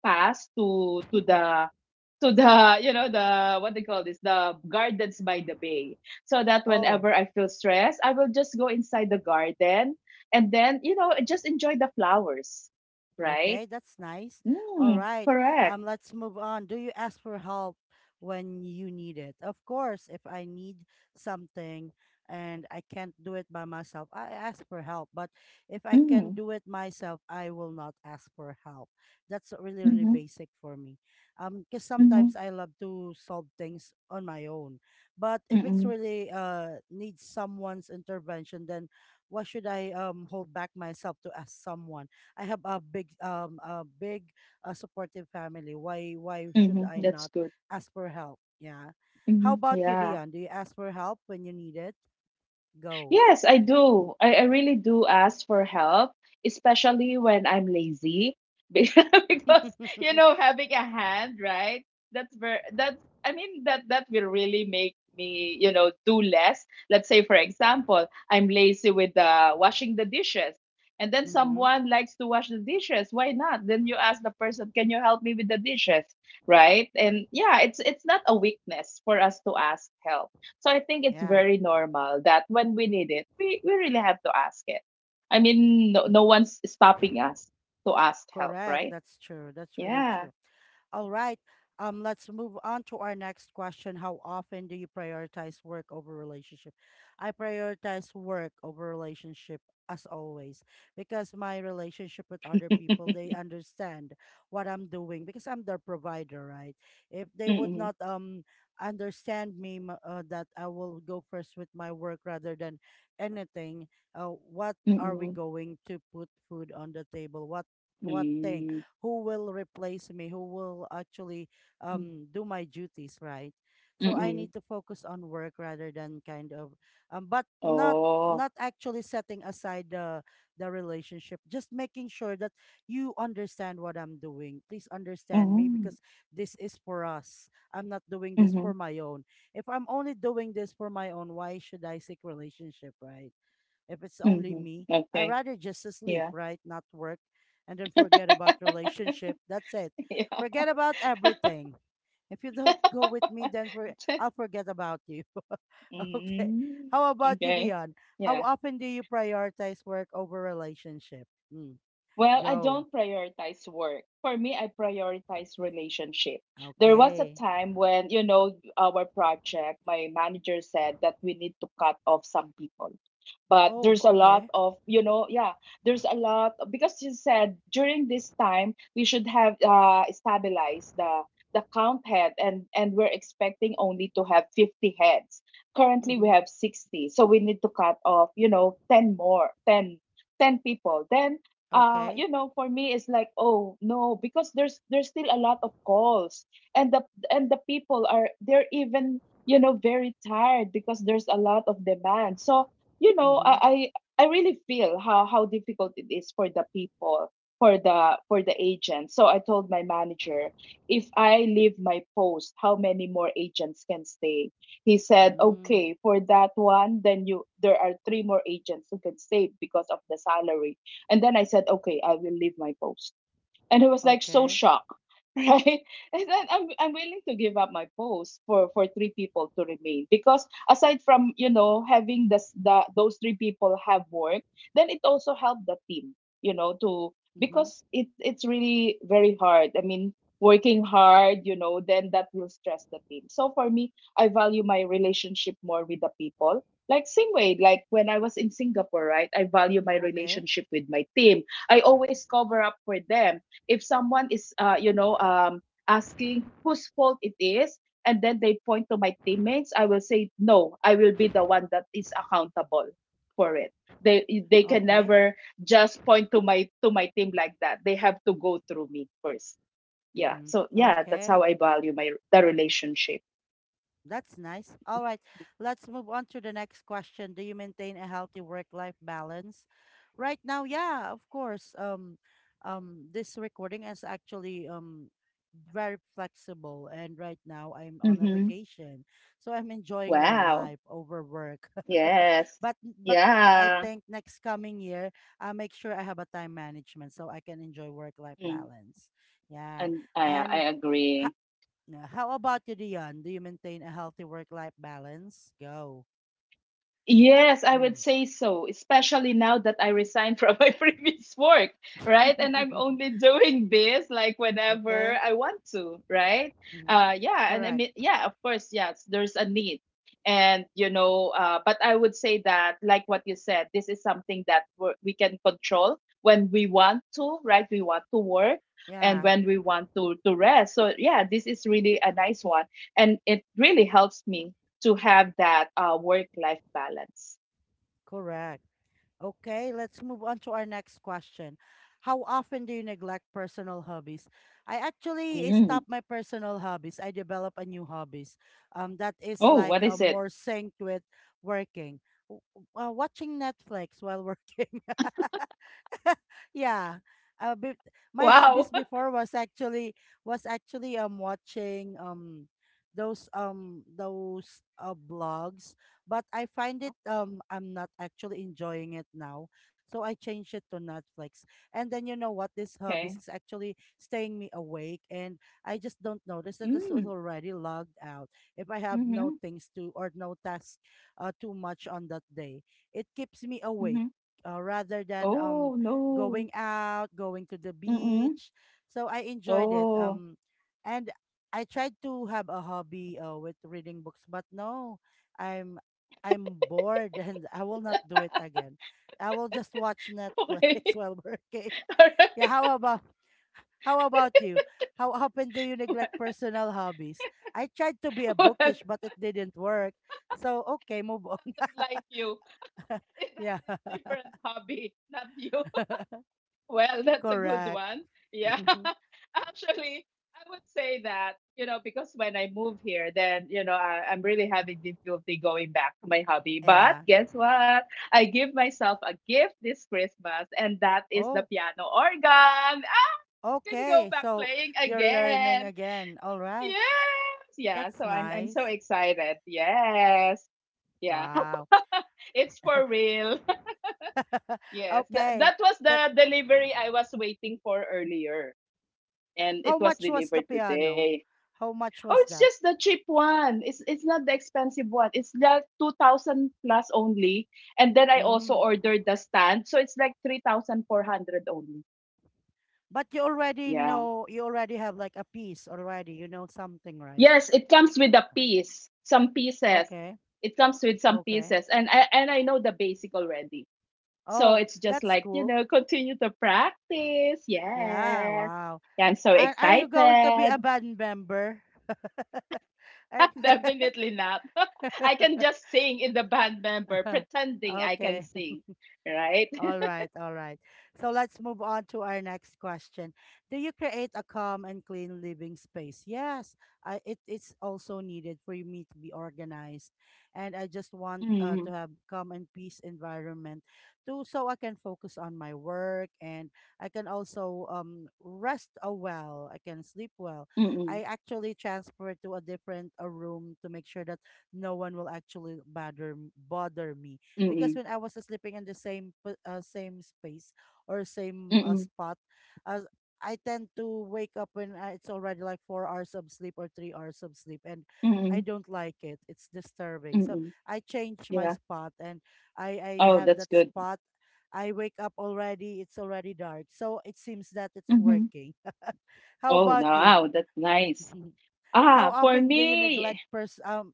S2: pass to the you know the what they call this the gardens by the bay, so that
S1: Oh.
S2: whenever I feel stressed I will just go inside the garden and then you know just enjoy the flowers right.
S1: Okay, that's nice. All
S2: Mm,
S1: right.
S2: correct.
S1: Let's move on. Do you ask for help when you need it? Of course, if I need something and I can't do it by myself, I ask for help. But if I can
S2: Mm,
S1: do it myself, I will not ask for help. That's really, really
S2: mhm,
S1: basic for me. Because
S2: mhm,
S1: sometimes I love to solve things on my own. But if it's
S2: mm,
S1: really needs someone's intervention, then why should I hold back myself to ask someone? I have a big a big supportive family. Why should
S2: mhm.
S1: I
S2: That's
S1: not
S2: good.
S1: ask for help? Yeah. How
S2: Mhm,
S1: about you,
S2: yeah.
S1: Dion? Do you ask for help when you need it? Go.
S2: Yes, I do. I really do ask for help, especially when I'm lazy. Be- Because, you
S1: Mm-hmm.
S2: know, having a hand, right? That's very that's I mean that will really make me, you know, do less. Let's say, for example, I'm lazy with washing the dishes. And then someone likes to wash the dishes. Why not? Then you ask the person, "Can you help me with the dishes?" Right? And yeah, it's not a weakness for us to ask help, so I think it's
S1: Yeah.
S2: very normal that when we need it, we really have to ask it. I mean,
S1: Co-
S2: no one's stopping us to ask help,
S1: Correct.
S2: right?
S1: That's true. That's really
S2: Yeah.
S1: true. All right. Let's move on to our next question. How often do you prioritize work over relationship? I prioritize work over relationship as always because my relationship with other people, they understand what I'm doing because I'm their provider, right? If they would
S2: Mm-mm.
S1: not understand me that I will go first with my work rather than anything, what are we
S2: Mm-mm.
S1: going to put food on the table? What thing?
S2: Mm.
S1: Who will replace me, who will actually do my duties, right? So I
S2: Mm-mm.
S1: need to focus on work rather than kind of but not
S2: Oh.
S1: not actually setting aside the relationship, just making sure that you understand what I'm doing. Please understand me,
S2: Mm-hmm.
S1: because this is for us. I'm not doing this
S2: Mm-hmm.
S1: for my own. If I'm only doing this for my own, why should I seek relationship, right? If it's only
S2: Mm-hmm.
S1: me. I
S2: Okay.
S1: rather just sleep,
S2: Yeah.
S1: right? Not work and then forget about relationship. That's it.
S2: Yeah.
S1: Forget about everything. If you don't go with me, then for, I'll forget about you. Okay.
S2: Mm.
S1: How about you,
S2: Okay.
S1: Dion? How
S2: Yeah.
S1: often do you prioritize work over relationship? Mm.
S2: Well, I
S1: Go.
S2: don't prioritize work. For me, I prioritize relationship. There was a
S1: Okay.
S2: time when, you know, our project, my manager said that we need to cut off some people. But
S1: Oh,
S2: there's a lot
S1: okay.
S2: of, you know, yeah, there's a lot because you said during this time we should have stabilized the count head and we're expecting only to have 50 heads. Currently we
S1: Mm-hmm.
S2: have 60. So we need to cut off, you know, 10 more, 10 10 people. Then
S1: Okay.
S2: you know for me it's like oh no because there's still a lot of calls and the people are they're even you know very tired because there's a lot of demand so you know
S1: Mm-hmm.
S2: I really feel how difficult it is for the people for the agents. So I told my manager if I leave my post how many more agents can stay. He said
S1: Mm.
S2: okay for that one then you there are three more agents who can stay because of the salary. And then I said, okay, I will leave my post and I was like so
S1: Okay.
S2: shocked, right? And then I'm willing to give up my post for three people to remain because aside from you know having this the those three people have work, then it also helped the team, you know, to
S1: Mm-hmm.
S2: because it it's really very hard. I mean working hard you know then that will stress the team, so for me I value my relationship more with the people, like same way like when I was in singapore right I value my
S1: Okay.
S2: relationship with my team. I always cover up for them if someone is you know asking whose fault it is and then they point to my teammates, I will say no I will be the one that is accountable for it. they they can
S1: Okay.
S2: never just point to my team like that. They have to go through me first yeah
S1: Mm-hmm.
S2: so yeah that's
S1: Okay.
S2: how I value my the relationship.
S1: That's nice. All right, let's move on to the next question. Do you maintain a healthy work-life balance? Right now, yeah, of course. This recording is actually very flexible, and right now I'm on a
S2: Mm-hmm.
S1: vacation, so I'm enjoying my
S2: Wow
S1: life over work.
S2: yes
S1: But I
S2: yeah.
S1: think next coming year, I'll make sure I have a time management so I can enjoy work-life
S2: Mm.
S1: balance. Yeah,
S2: And I
S1: and.
S2: agree.
S1: Yeah. How about you, Dion? Do you maintain a healthy work-life balance? Go.
S2: Yes, I would
S1: Mm.
S2: say so, especially now that I resigned from my previous work, right? And I'm only doing this like whenever
S1: Okay.
S2: I want to, right?
S1: Mhm.
S2: Yeah, and I
S1: Correct.
S2: mean yeah, of course, yes, there's a need. And you know, but I would say that like what you said, this is something that we can control when we want to, right? We want to work and
S1: Yeah.
S2: when we want to rest. So yeah, this is really a nice one and it really helps me to have that work life balance.
S1: Correct. Okay. Let's move on to our next question. How often do you neglect personal hobbies? I actually stop
S2: Mm.
S1: my personal hobbies. I develop a new hobbies. That is
S2: Oh,
S1: like
S2: what
S1: a
S2: is it?
S1: more synced with working. Watching Netflix while working. Yeah. Uh, be- my
S2: Wow.
S1: hobbies before was actually watching those blogs, but I find it, I'm not actually enjoying it now, so I changed it to Netflix. And then you know what, this hobbies
S2: Okay.
S1: is actually staying me awake, and I just don't notice that it's
S2: Mm.
S1: already logged out. If I have no
S2: Mm-hmm.
S1: things to or no tasks too much on that day, it keeps me awake,
S2: Mm-hmm.
S1: rather than
S2: Oh, no.
S1: going out, going to the
S2: Mm-mm.
S1: beach. So I enjoyed it.
S2: Oh.
S1: And I tried to have a hobby with reading books, but no, I'm I'm bored and I will not do it again. I will just watch Netflix
S2: Okay.
S1: while working.
S2: All
S1: Yeah,
S2: right.
S1: how about you? How often do you neglect personal hobbies? I tried to be a
S2: Well, well,
S1: bookish, but it didn't work. So okay, move on.
S2: like you. It has
S1: Yeah,
S2: its different hobby, not you. Well, that's a good
S1: correct.
S2: one. Yeah. Actually, I would say that, you know, because when I move here, then, you know, I'm really having difficulty going back to my hobby. But
S1: Yeah.
S2: guess what? I give myself a gift this Christmas, and that is the
S1: Oh,
S2: piano organ. I can go
S1: okay.
S2: back
S1: So
S2: playing
S1: you're learning
S2: again.
S1: again. All right.
S2: Yes. Yeah.
S1: That's
S2: So I'm so
S1: nice.
S2: excited. Yes. Yeah.
S1: Wow.
S2: It's for real. Yes.
S1: Okay.
S2: That was
S1: That
S2: the delivery I was waiting for earlier, and it
S1: how
S2: was
S1: much was the
S2: delivered
S1: piano?
S2: today.
S1: How much
S2: Oh,
S1: was
S2: it's
S1: that?
S2: just the cheap one. It's not the expensive one. It's like 2,000 plus only. And then I also
S1: Mm.
S2: ordered the stand, so it's like 3,400 only.
S1: But you already
S2: Yeah.
S1: know, you already have like a piece already. You know something, right?
S2: Yes, it comes with a piece, some pieces.
S1: Okay.
S2: It comes with some
S1: Okay.
S2: pieces and I know the basic already. So
S1: Oh,
S2: it's just
S1: that's
S2: like, you
S1: cool.
S2: know, continue to practice.
S1: Yeah,
S2: Yes. Yeah,
S1: wow.
S2: I'm so
S1: Are you going to be
S2: excited.
S1: a band member?
S2: Definitely not. I can just sing in the band member, pretending I can
S1: Okay.
S2: sing, right?
S1: All right, all right. So let's move on to our next question. Do you create a calm and clean living space? Yes, it's also needed for me to be organized. And I just want
S2: Mm,
S1: to have calm and peace environment to so I can focus on my work, and I can also, rest a well. I can sleep well.
S2: mm,
S1: I actually transfer to a different a room to make sure that no one will actually bother me, because
S2: mm,
S1: when I was sleeping in the same same space or same
S2: mm,
S1: spot, uh, I tend to wake up when I, it's already like 4 hours of sleep or 3 hours of sleep, and I
S2: mm,
S1: don't like it. It's disturbing. So
S2: mm.
S1: I change my
S2: Yeah.
S1: spot, and I
S2: Oh,
S1: have
S2: that's
S1: that
S2: good.
S1: spot. I wake up already. It's already dark, so it seems that it's
S2: Hmm.
S1: working. How
S2: Oh,
S1: about you?
S2: wow, that's nice.
S1: How
S2: Ah, for
S1: often do you
S2: me,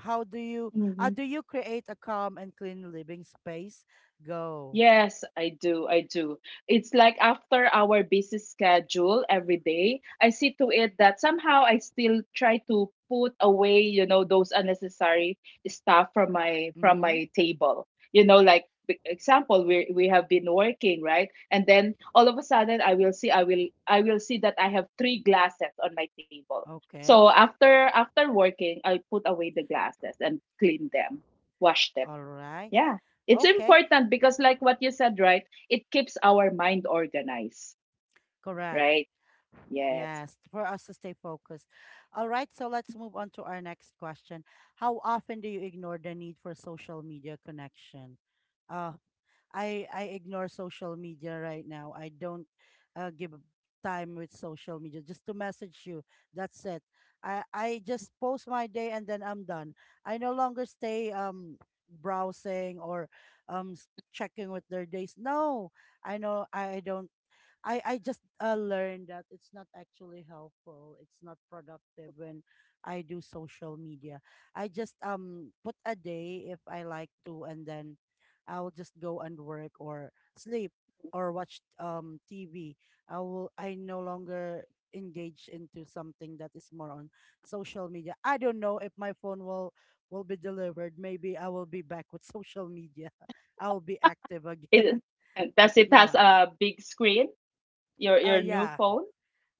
S1: how do you
S2: mm-hmm.
S1: do you create a calm and clean living space? Go.
S2: Yes, I do. I do. It's like after our busy schedule every day, I see to it that somehow I still try to put away, you know, those unnecessary stuff from my from
S1: Mm-hmm.
S2: my table. You know, like example, we have been working, right? And then all of a sudden I will see that I have three glasses on my table.
S1: Okay.
S2: So after working, I put away the glasses and clean them, wash them.
S1: All right.
S2: Yeah. It's
S1: Okay.
S2: important because like what you said, right? It keeps our mind organized,
S1: Correct.
S2: right? Yes.
S1: Yes. For us to stay focused. All right. So let's move on to our next question. How often do you ignore the need for social media connection? Uh, I ignore social media right now. I don't give a time with social media just to message you. That's it. I just post my day and then I'm done. I no longer stay browsing or checking with their days. No, I know I don't I just learned that it's not actually helpful. It's not productive when I do social media. I just put a day if I like to, and then I'll just go and work or sleep or watch TV. I will. I no longer engage into something that is more on social media. I don't know if my phone will be delivered. Maybe I will be back with social media. I will be active
S2: It,
S1: again.
S2: does it has
S1: Yeah.
S2: a big screen? Your your new
S1: Yeah.
S2: phone?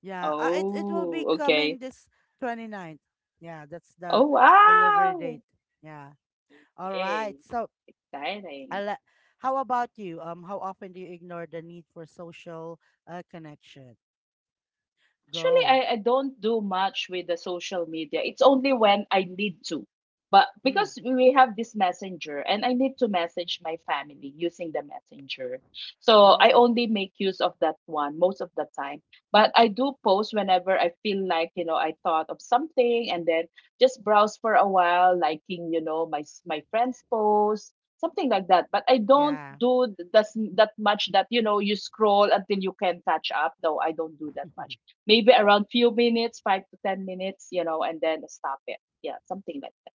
S1: Yeah, it will be
S2: Oh, okay.
S1: coming this twenty ninth. Yeah, that's
S2: Oh,
S1: the delivery
S2: wow.
S1: date. Yeah. All right.
S2: Okay.
S1: So,
S2: Exciting.
S1: I'll, how about you? How often do you ignore the need for social connection?
S2: Actually,
S1: Go.
S2: I don't do much with the social media. It's only when I need to. But
S1: Mm.
S2: because we have this messenger and I need to message my family using the messenger. So I
S1: Mm.
S2: only make use of that one most of the time. But I do post whenever I feel like, you know, I thought of something and then just browse for a while, liking, you know, my friends' posts, something like that. But I don't
S1: Yeah.
S2: do that's that much that, you know, you scroll until you can catch up. No, I don't do that much, maybe around few minutes, 5 to 10 minutes, you know, and then stop it. Yeah, something like that.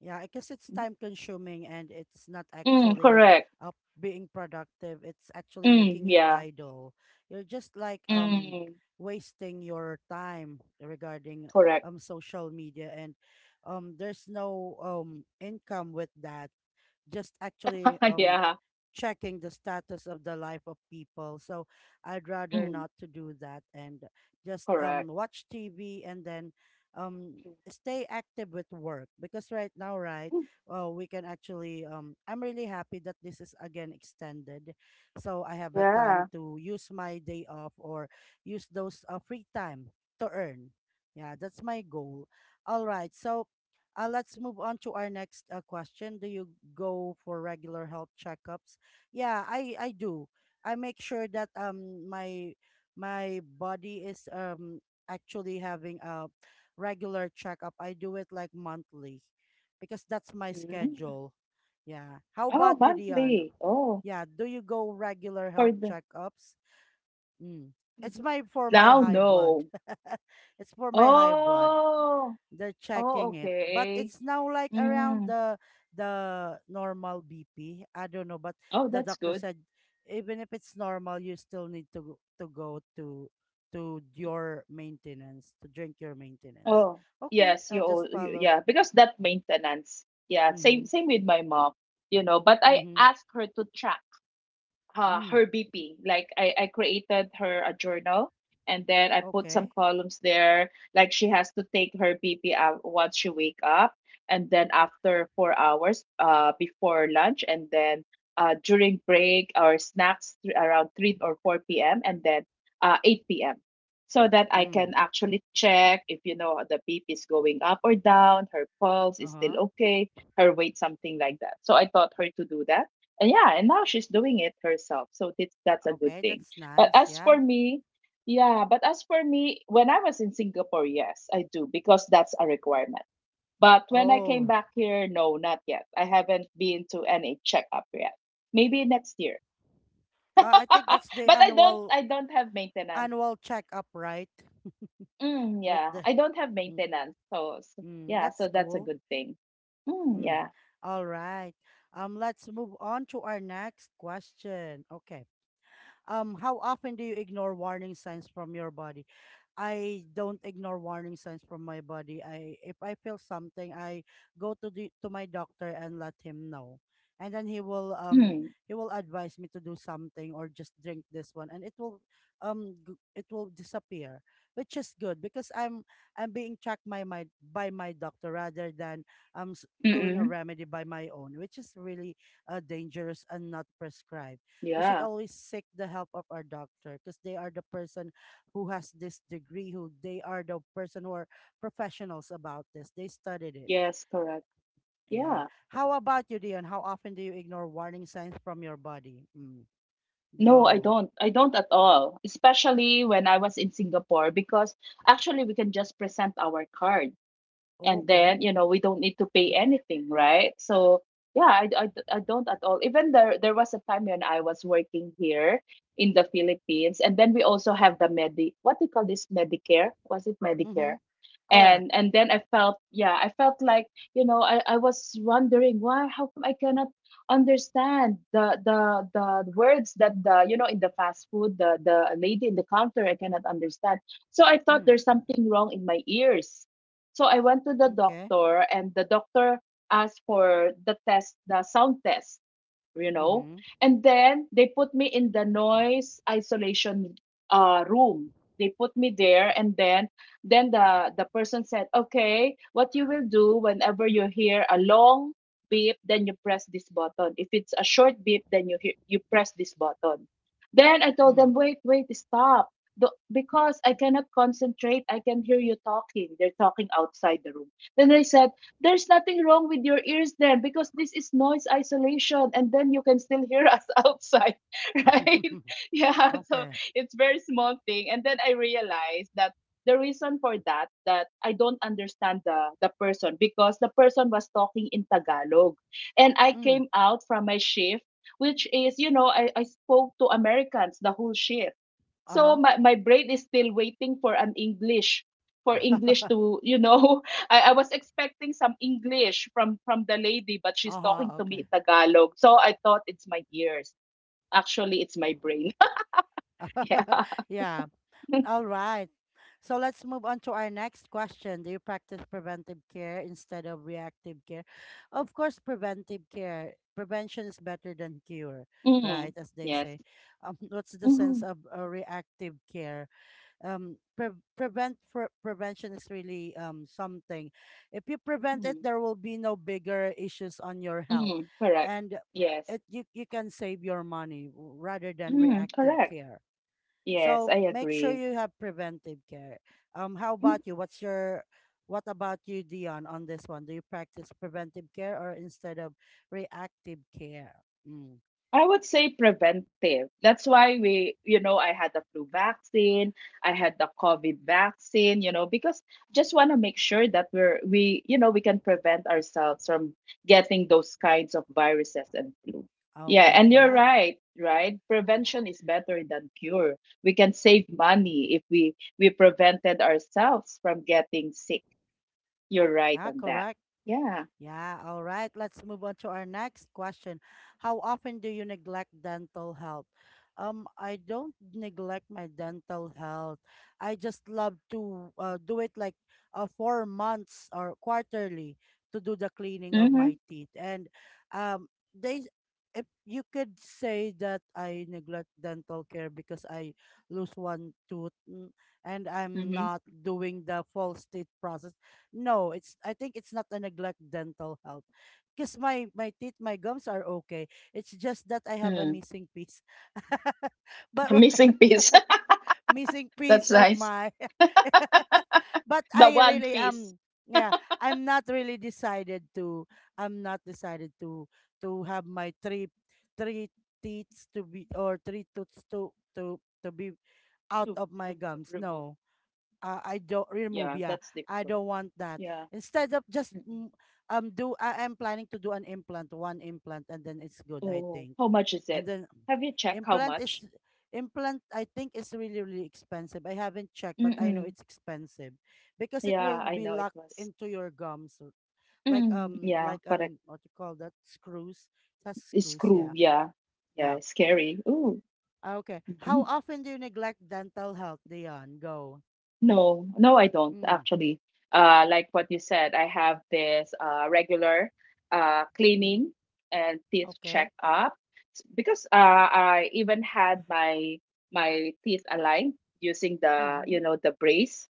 S1: Yeah, I guess it's
S2: Mm-hmm.
S1: time consuming and it's not
S2: Mm,
S1: actually
S2: correct.
S1: uh, being productive. It's actually
S2: Mm,
S1: making you
S2: yeah.
S1: idle. You're just like
S2: Mm,
S1: wasting your time regarding
S2: correct.
S1: social media, and there's no income with that. Just actually
S2: Yeah.
S1: checking the status of the life of people. So I'd rather
S2: Mm,
S1: not to do that, and just
S2: correct.
S1: watch TV and then stay active with work, because right now right,
S2: Mm,
S1: we can actually I'm really happy that this is again extended, so I have a time
S2: yeah.
S1: to use my day off or use those free time to earn. Yeah, that's my goal. All right, so let's move on to our next question. Do you go for regular health checkups? Yeah, I do. I make sure that my my body is actually having a regular checkup. I do it like monthly because that's my
S2: Mm.
S1: schedule. Yeah. How
S2: Oh,
S1: about you, Dion?
S2: monthly. Oh,
S1: Yeah, do you go regular
S2: for
S1: health
S2: the.
S1: checkups? Mm. It's
S2: Mhm.
S1: my for my
S2: Now,
S1: high blood.
S2: no.
S1: It's for my high blood,
S2: Oh,
S1: they're
S2: oh,
S1: checking it, but
S2: okay.
S1: it's now like around
S2: Mm.
S1: the normal BP, I don't know, but
S2: Oh,
S1: the
S2: that's
S1: doctor
S2: good.
S1: said even if it's normal you still need to to go to to your maintenance, to drink your maintenance.
S2: Oh,
S1: Okay,
S2: yes, you,
S1: I'll just
S2: al- you
S1: follow.
S2: yeah, because that maintenance. Yeah, same
S1: Mhm.
S2: same with my mom, you know, but I
S1: Mhm.
S2: asked her to track,
S1: Mm.
S2: her BP. Like I created her a journal and then I put some
S1: Okay.
S2: columns there. Like she has to take her BP out once she wake up, and then after 4 hours, before lunch, and then during break or snacks around 3 or 4 p.m., and then 8 p.m. So that I
S1: Mm.
S2: can actually check if, you know, the BP is going up or down, her pulse is still
S1: Uh-huh.
S2: okay, her weight, something like that. So I taught her to do that, and yeah, and now she's doing it herself, so that's a good
S1: Okay,
S2: thing.
S1: that's
S2: But
S1: nice.
S2: as for
S1: Yeah.
S2: me, yeah, but as for me, when I was in Singapore, yes, I do, because that's a requirement. But when I came
S1: Oh,
S2: back here, no, not yet, I haven't been to any checkup yet. Maybe next year.
S1: I think that's the
S2: But i don't i don't have maintenance.
S1: annual checkup, right?
S2: Mm,
S1: With
S2: yeah,
S1: the.
S2: I don't have
S1: Mm,
S2: maintenance, so
S1: mm,
S2: yeah,
S1: that's
S2: so that's a
S1: cool.
S2: good thing. Mm,
S1: Mm.
S2: yeah.
S1: All right. Let's move on to our next question. Okay. How often do you ignore warning signs from your body? I don't ignore warning signs from my body. I if I feel something, I go to the to my doctor and let him know. And then
S2: Mm,
S1: he will advise me to do something, or just drink this one and it will it will disappear, which is good because I'm being checked by my doctor rather than
S2: mm-mm.
S1: doing a remedy by my own, which is really dangerous and not prescribed. We
S2: Yeah.
S1: should always seek the help of our doctor, because they are the person who has this degree, who they are the person who are professionals about this. They studied it.
S2: Yes, correct.
S1: Yeah.
S2: Yeah.
S1: How about you, Dion? How often do you ignore warning signs from your body? Mm,
S2: No, I
S1: go.
S2: don't. I don't at all. Especially when I was in Singapore, because actually we can just present our card, and
S1: Okay.
S2: then, you know, we don't need to pay anything, right? So yeah, I don't at all. Even there was a time when I was working here in the Philippines, and then we also have the medi, what do you call this, medicare, was it
S1: Mm-hmm.
S2: medicare,
S1: Correct.
S2: and then I felt, yeah, I felt like, you know, I was wondering why, how come I cannot understand the words that the, you know, in the fast food, the lady in the counter, I cannot understand. So I thought
S1: Mm,
S2: there's something wrong in my ears, so I went to the
S1: okay.
S2: doctor, and the doctor asked for the test, the sound test, you know,
S1: Mm-hmm.
S2: and then they put me in the noise isolation room. They put me there, and then the person said okay, what you will do whenever you hear a long beep, then you press this button, if it's a short beep, then you hear, you press this button. Then I told
S1: Mm.
S2: them, wait, wait, stop. Because I cannot concentrate, I can hear you talking, they're talking outside the room. Then they said there's nothing wrong with your ears, then, because this is noise isolation and then you can still hear us outside, right? Yeah, so
S1: Okay.
S2: it's very small thing. And then I realized that the reason for that, that I don't understand the person, because the person was talking in Tagalog and I
S1: Mm.
S2: came out from my shift, which is, you know, I spoke to Americans the whole shift, so
S1: Uh-huh.
S2: my brain is still waiting for an English, for English to you know, I was expecting some English from the lady, but she's talking
S1: Uh-huh.
S2: to me
S1: Okay.
S2: in Tagalog. So I thought it's my ears. Actually, it's my brain. Yeah.
S1: Yeah. All right. So let's move on to our next question. Do you practice preventive care instead of reactive care? Of course, preventive care. Prevention is better than cure,
S2: Mm.
S1: right? As they
S2: Yes.
S1: say. What's the
S2: Mm.
S1: sense of reactive care? Prevention is really something. If you prevent it,
S2: Mm.
S1: there will be no bigger issues on your health,
S2: Mm. Correct.
S1: and
S2: Yes.
S1: it you you can save your money, rather than
S2: Mm.
S1: reactive
S2: Correct.
S1: care.
S2: Yes,
S1: So
S2: I
S1: make sure
S2: agree.
S1: you have preventive care. How about you? What about you, Dion, on this one? Do you practice preventive care or instead of reactive care? Mm.
S2: I would say preventive. That's why we, you know, I had the flu vaccine, I had the COVID vaccine, you know, because just want to make sure that we, you know, we can prevent ourselves from getting those kinds of viruses and flu. Yeah, and
S1: Okay,
S2: you're
S1: yeah.
S2: right, right? Prevention is better than cure. We can save money if we prevented ourselves from getting sick. You're right
S1: Yeah,
S2: on that.
S1: correct.
S2: Yeah.
S1: Yeah, all right. Let's move on to our next question. How often do you neglect dental health? I don't neglect my dental health. I just love to do it like 4 months or quarterly to do the cleaning of
S2: Mm-hmm.
S1: my teeth. And um, they, if you could say that I neglect dental care because I lose one tooth, mm, and I'm
S2: Mm-hmm.
S1: not doing the false teeth process, no, it's I think it's not a neglect dental health. Because my teeth, my gums are okay. It's just that I have a
S2: Mm.
S1: missing piece. but
S2: Missing piece.
S1: missing piece
S2: That's
S1: of
S2: nice.
S1: my but
S2: The
S1: I
S2: one
S1: really
S2: piece
S1: am, yeah, I'm not really decided to I'm not decided to have my three teeth to be, or three tooths to to be out
S2: to
S1: of my
S2: remo
S1: gums.
S2: remove.
S1: No, I don't
S2: Yeah,
S1: remove. Yeah,
S2: that's difficult.
S1: I don't want that.
S2: Yeah.
S1: Instead of just,
S2: Mm-mm.
S1: mm, do I am planning to do an implant, one implant, and then it's good. I
S2: Oh,
S1: think,
S2: how much is
S1: and
S2: it?
S1: then
S2: Have you checked how
S1: implant
S2: much?
S1: is implant. I think is really expensive. I haven't checked, but I know
S2: Mm-mm.
S1: it's expensive because it
S2: Yeah,
S1: will
S2: I
S1: be
S2: know it
S1: locked
S2: was.
S1: into your gums, or-
S2: Mm, yeah,
S1: like
S2: correct.
S1: an what you call that screws, it has
S2: It's
S1: screws.
S2: screw.
S1: Yeah,
S2: Yeah.
S1: yeah.
S2: Yeah, scary. Ooh.
S1: Ah, okay. How
S2: Mhm.
S1: often do you neglect dental health, Dion? Go.
S2: No, no, I don't
S1: Mm.
S2: actually. Like what you said, I have this regular
S1: Mm-hmm.
S2: cleaning and teeth
S1: Okay.
S2: checkup. Because I even had my teeth aligned using the,
S1: Mm-hmm.
S2: you know, the brace.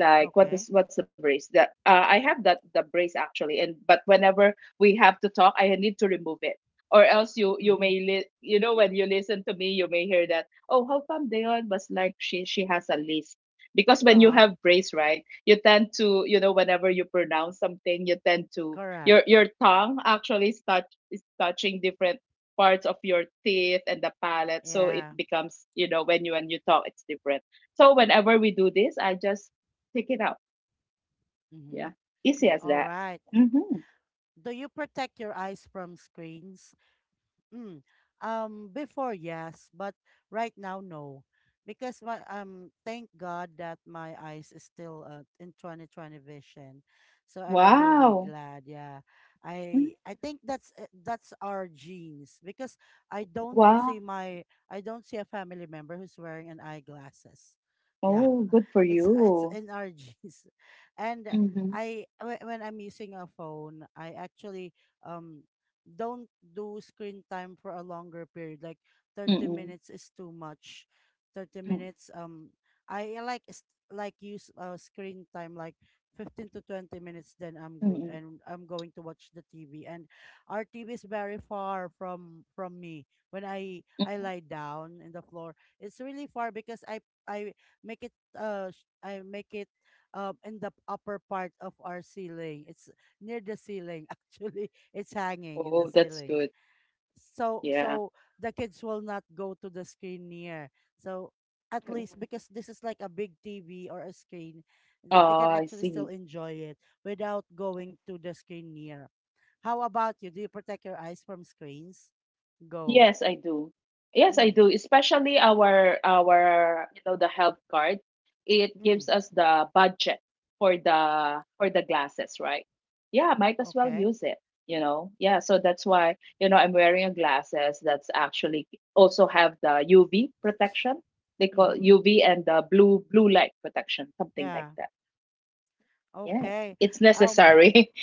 S2: Like what
S1: Okay.
S2: is what's the brace? That I have that the brace actually, and but whenever we have to talk, I need to remove it, or else you
S1: Mm-hmm.
S2: may you know, when you listen to me, you may hear that, oh, how come Dayon was like she has a list, because when you
S1: Uh-huh.
S2: have brace, right, you tend to, you know, whenever you pronounce something you tend to, your
S1: Correct.
S2: your tongue actually start is touching different parts of your teeth and the palate, so it
S1: Yeah.
S2: becomes, you know, when you talk it's different. So whenever we do this, I just take it out,
S1: Mm-hmm.
S2: yeah, easy as
S1: All
S2: that.
S1: right.
S2: Mm-hmm.
S1: Do you protect your eyes from screens? Mm. Before, yes, but right now, no, because my thank God that my eyes is still in 2020 vision, so I'm really
S2: Wow.
S1: glad. Yeah,
S2: Mhm.
S1: I think that's our genes because
S2: Wow.
S1: I don't see a family member who's wearing an eyeglasses. Yeah,
S2: Oh, good for
S1: it's
S2: you.
S1: in our genes, and
S2: Mm-hmm.
S1: I when I'm using a phone, I actually um don't do screen time for a longer period. Like 30
S2: Mm-mm.
S1: minutes is too much. 30
S2: Mm-mm.
S1: minutes, I like s- like use screen time like 15 to 20 minutes, then I'm good.
S2: Mm-mm.
S1: And I'm going to watch the TV. And our TV is very far from me. When I
S2: Mm-mm.
S1: lie down in the floor, it's really far because I make it I make it in the upper part of our ceiling. It's near the ceiling actually it's hanging in the
S2: Oh, that's
S1: ceiling.
S2: good.
S1: So
S2: Yeah.
S1: so the kids will not go to the screen near. So at
S2: Mm-mm.
S1: least because this is like a big TV or a screen, they can
S2: Oh, I
S1: actually still
S2: see.
S1: enjoy it without going to the screen near. How about you? Do you protect your eyes from screens? Go.
S2: Yes, I do. Yes, I
S1: Mm.
S2: do. Especially our, you know, the health card, it
S1: mm,
S2: gives us the budget for the glasses, right? Yeah, might as well
S1: okay.
S2: use it, you know. Yeah, so that's why, you know, I'm wearing a glasses that's actually also have the UV protection. They call
S1: Mm-hmm.
S2: UV and the blue light protection, something like
S1: Yeah.
S2: that. Yes,
S1: Okay.
S2: it's
S1: Um,
S2: necessary.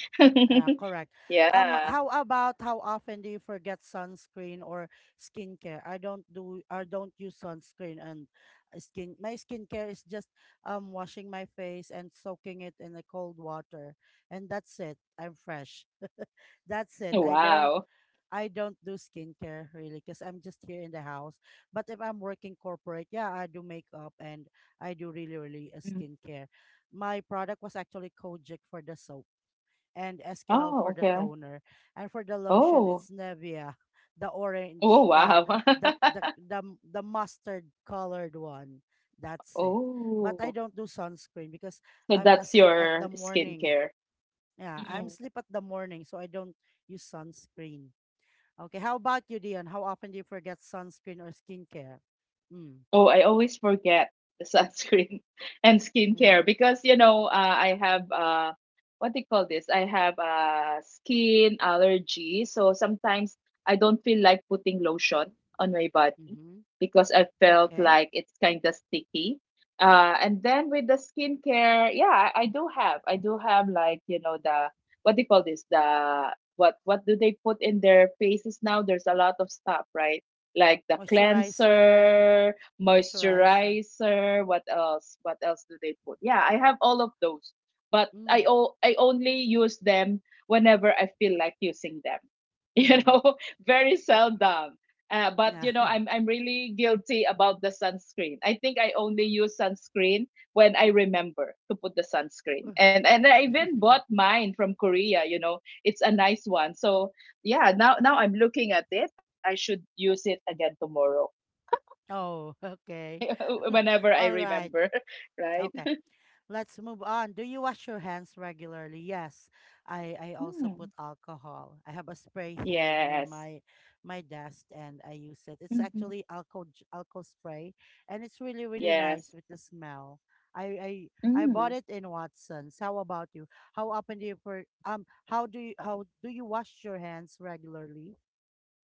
S1: Correct.
S2: Yeah.
S1: How often do you forget sunscreen or skincare? I don't use sunscreen and skin. My skincare is just washing my face and soaking it in the cold water, and that's it. I'm fresh. That's it.
S2: Wow.
S1: I don't do skincare really because I'm just here in the house. But if I'm working corporate, yeah, I do makeup and I do really really a
S2: Mm.
S1: skincare. My product was actually Kojic for the soap and Eskinol
S2: Oh,
S1: for the
S2: okay.
S1: toner. And for the lotion,
S2: Oh,
S1: it's Nevia, the
S2: oh,
S1: orange,
S2: wow.
S1: the mustard colored one. That's it. But I
S2: Oh,
S1: don't do sunscreen because
S2: so
S1: I'm
S2: that's
S1: asleep at the
S2: your
S1: morning.
S2: skincare.
S1: Yeah, I'm
S2: Mm.
S1: asleep at the morning, so I don't use sunscreen. Okay, how about you, Dion? How often do you forget sunscreen or skincare? Mm.
S2: Oh, I always forget the sunscreen and skincare
S1: Mm-hmm.
S2: because, you know, I have what do you call this? I have skin allergy, so sometimes I don't feel like putting lotion on my,
S1: Mm-hmm.
S2: because I felt
S1: Okay.
S2: like it's kind of sticky. And then with the skincare, yeah, I do have like, you know, the, what do you call this? The what do they put in their faces now? There's a lot of stuff, right? Like the
S1: Moisturizer.
S2: cleanser,
S1: Moisturizer.
S2: moisturizer. What else? What else do they put? Yeah, I have all of those, but I
S1: Mm.
S2: o- I only use them whenever I feel like using them. You
S1: Mm-hmm.
S2: know, very seldom. But
S1: Yeah.
S2: you know, I'm really guilty about the sunscreen. I think I only use sunscreen when I remember to put the sunscreen. And I even bought mine from Korea, you know. It's a nice one. So, yeah, now I'm looking at it. I should use it again tomorrow
S1: Oh, okay.
S2: whenever I
S1: All right.
S2: remember, right?
S1: Okay. Let's move on. Do you wash your hands regularly? Yes. I also put
S2: Mm.
S1: alcohol. I have a spray here near
S2: Yes.
S1: my desk and I use it. It's
S2: Mhm.
S1: actually alcohol spray and it's really nice
S2: Yes.
S1: with the smell. I I
S2: Mm.
S1: bought it in Watson's. How about you? How do you how do you wash your hands regularly?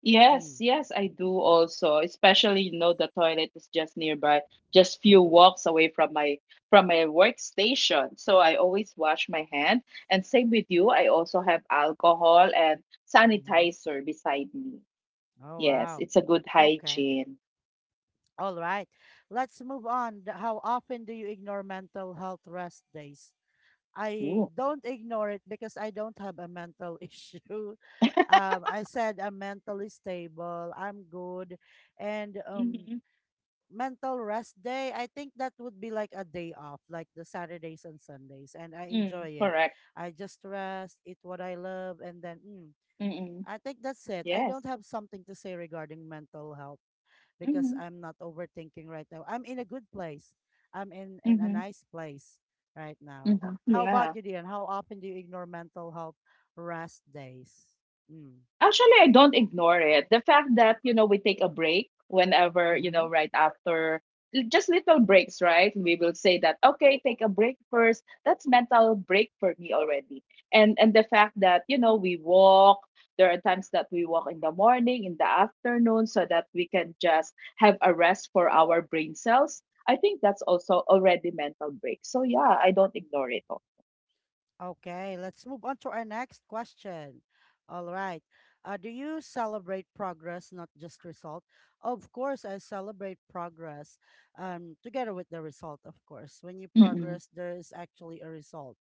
S2: Yes,
S1: Mm.
S2: yes, I do also. Especially, you know, the toilet is just nearby, just few walks away from my workstation. So I always wash my hand. And same with you, I also have alcohol and
S1: Mm-hmm.
S2: sanitizer beside me.
S1: Oh,
S2: Yes,
S1: wow.
S2: it's a good
S1: Okay.
S2: hygiene.
S1: All right. Let's move on. How often do you ignore mental health rest days? I
S2: Ooh.
S1: don't ignore it because I don't have a mental issue. I said I'm mentally stable, I'm good. And
S2: Mm-hmm.
S1: mental rest day, I think that would be like a day off, like the Saturdays and Sundays. And I
S2: Mm,
S1: enjoy it.
S2: correct.
S1: I just rest, eat what I love, and then
S2: Mm-mm.
S1: I think that's it. I
S2: Yes.
S1: don't have something to say regarding mental health because
S2: Mm-hmm.
S1: I'm not overthinking right now. I'm in a good place. I'm in a
S2: Mm-hmm.
S1: nice place right now.
S2: Mm-hmm.
S1: How
S2: Yeah.
S1: about you, Dion? How often do you ignore mental health rest days? Mm.
S2: Actually, I don't ignore it. The fact that, you know, we take a break whenever, you know,
S1: Mm-hmm.
S2: right after, just little breaks, right? We will say that, okay, take a break first. That's mental break for me already. And the fact that, you know, we walk, there are times that we walk in the morning, in the afternoon, so that we can just have a rest for our brain cells. I think that's also already mental break. So yeah, I don't ignore it all.
S1: Okay, let's move on to our next question. All right. Do you celebrate progress, not just result? Of course, I celebrate progress together with the result, of course. When you
S2: Mm-mm.
S1: progress, there is actually a result.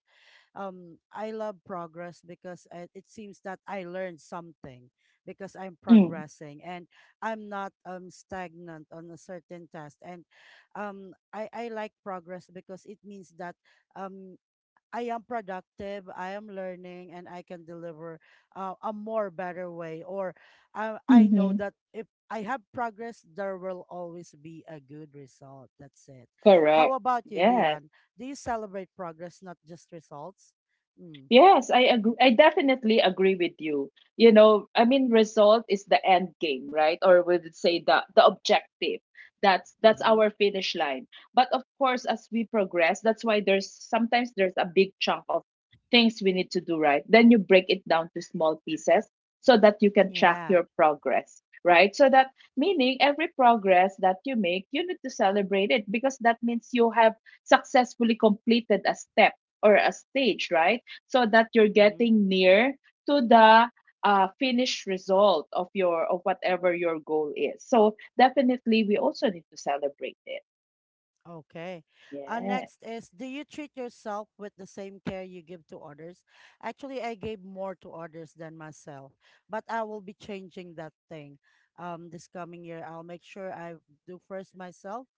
S1: I love progress because it seems that I learned something because I'm
S2: Mm.
S1: progressing and I'm not stagnant on a certain task and um, I like progress because it means that um I am productive, I am learning, and I can deliver a more better way. Or I know
S2: Mm-hmm.
S1: that if I have progress, there will always be a good result. That's it. How
S2: Correct.
S1: about you,
S2: Yes.
S1: Dion? Do you celebrate progress, not just results? Mm,
S2: Yes, I agree. I definitely agree with you. You know, I mean, result is the end game, right? Or we would say the objective. That's
S1: mm-hmm.
S2: our finish line. But of course, as we progress, that's why there's sometimes there's a big chunk of things we need to do, right? Then you break it down to small pieces so that you can track
S1: Yeah.
S2: your progress, right? So that meaning every progress that you make, you need to celebrate it, because that means you have successfully completed a step or a stage, right? So that you're
S1: Mm-hmm.
S2: getting near to the finished result of your of whatever your goal is. So definitely, we also need to celebrate it.
S1: Okay.
S2: Yeah.
S1: Next is, do you treat yourself with the same care you give to others? Actually, I gave more to others than myself, but I will be changing that thing this coming year. I'll make sure I do first myself,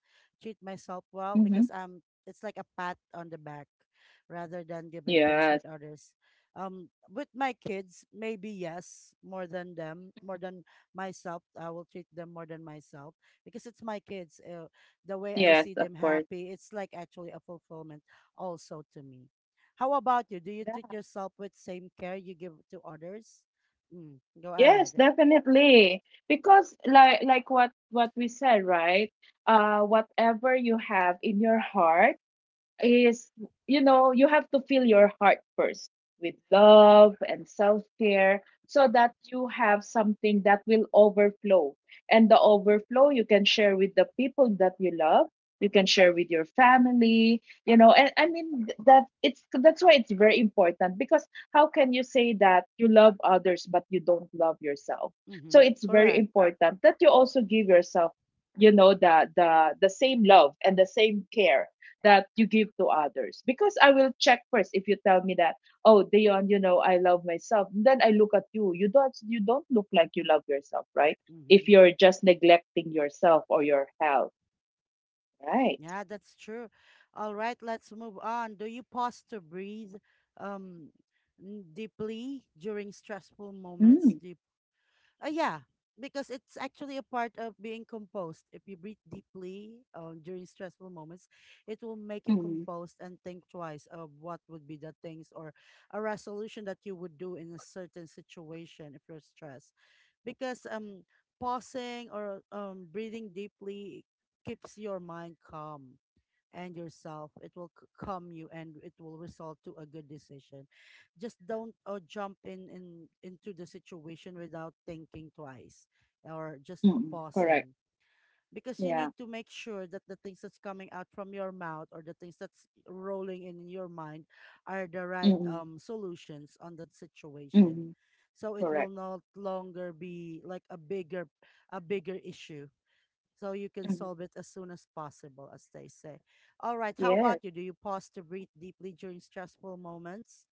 S1: treat myself well, because
S2: Mm-hmm.
S1: it's like a pat on the back rather than giving things
S2: Yes.
S1: with others. With my kids, maybe yes, more than them, more than myself. I will treat them more than myself because it's my kids. The way I
S2: Yes.
S1: see
S2: Of
S1: them
S2: course.
S1: happy, it's like actually a fulfillment also to me. How about you? Do
S2: Yeah.
S1: you treat yourself with same care you give to others? Mm, go
S2: Yes.
S1: ahead.
S2: Definitely. Because like what we said, right? Whatever you have in your heart is, you know, you have to fill your heart first with love and self-care, so that you have something that will overflow, and the overflow you can share with the people that you love, you can share with your family, you know, and I mean, that it's that's why it's very important. Because how can you say that you love others but you don't love yourself? So
S1: Mm-hmm.
S2: it's very
S1: Correct.
S2: important that you also give yourself, you know, the same love and the same care that you give to others. Because I will check first. If you tell me that, oh, Dion, you know, I love myself, then I look at you, you don't look like you love yourself, right? If
S1: Mm-hmm.
S2: you're just neglecting yourself or your health, right?
S1: Yeah, that's true. All right, let's move on. Do you pause to breathe um, deeply during stressful
S2: Mm.
S1: moments? Do you Yeah, because it's actually a part of being composed. If you breathe deeply during stressful moments, it will make you
S2: Mm.
S1: composed and think twice of what would be the things or a resolution that you would do in a certain situation if you're stressed. Because pausing or breathing deeply keeps your mind calm and yourself it will calm you and it will result to a good decision. Just don't jump in into the situation without thinking twice or just
S2: Mm, correct.
S1: pausing, because you
S2: Yeah.
S1: need to make sure that the things that's coming out from your mouth or the things that's rolling in your mind are the right
S2: Mm.
S1: solutions on that situation,
S2: Mm,
S1: so it will
S2: correct.
S1: not longer be like a bigger issue, so you can
S2: Mhm.
S1: solve it as soon as possible, as they say. All right, how
S2: Yes.
S1: about you? Do you pause to breathe deeply during stressful moments?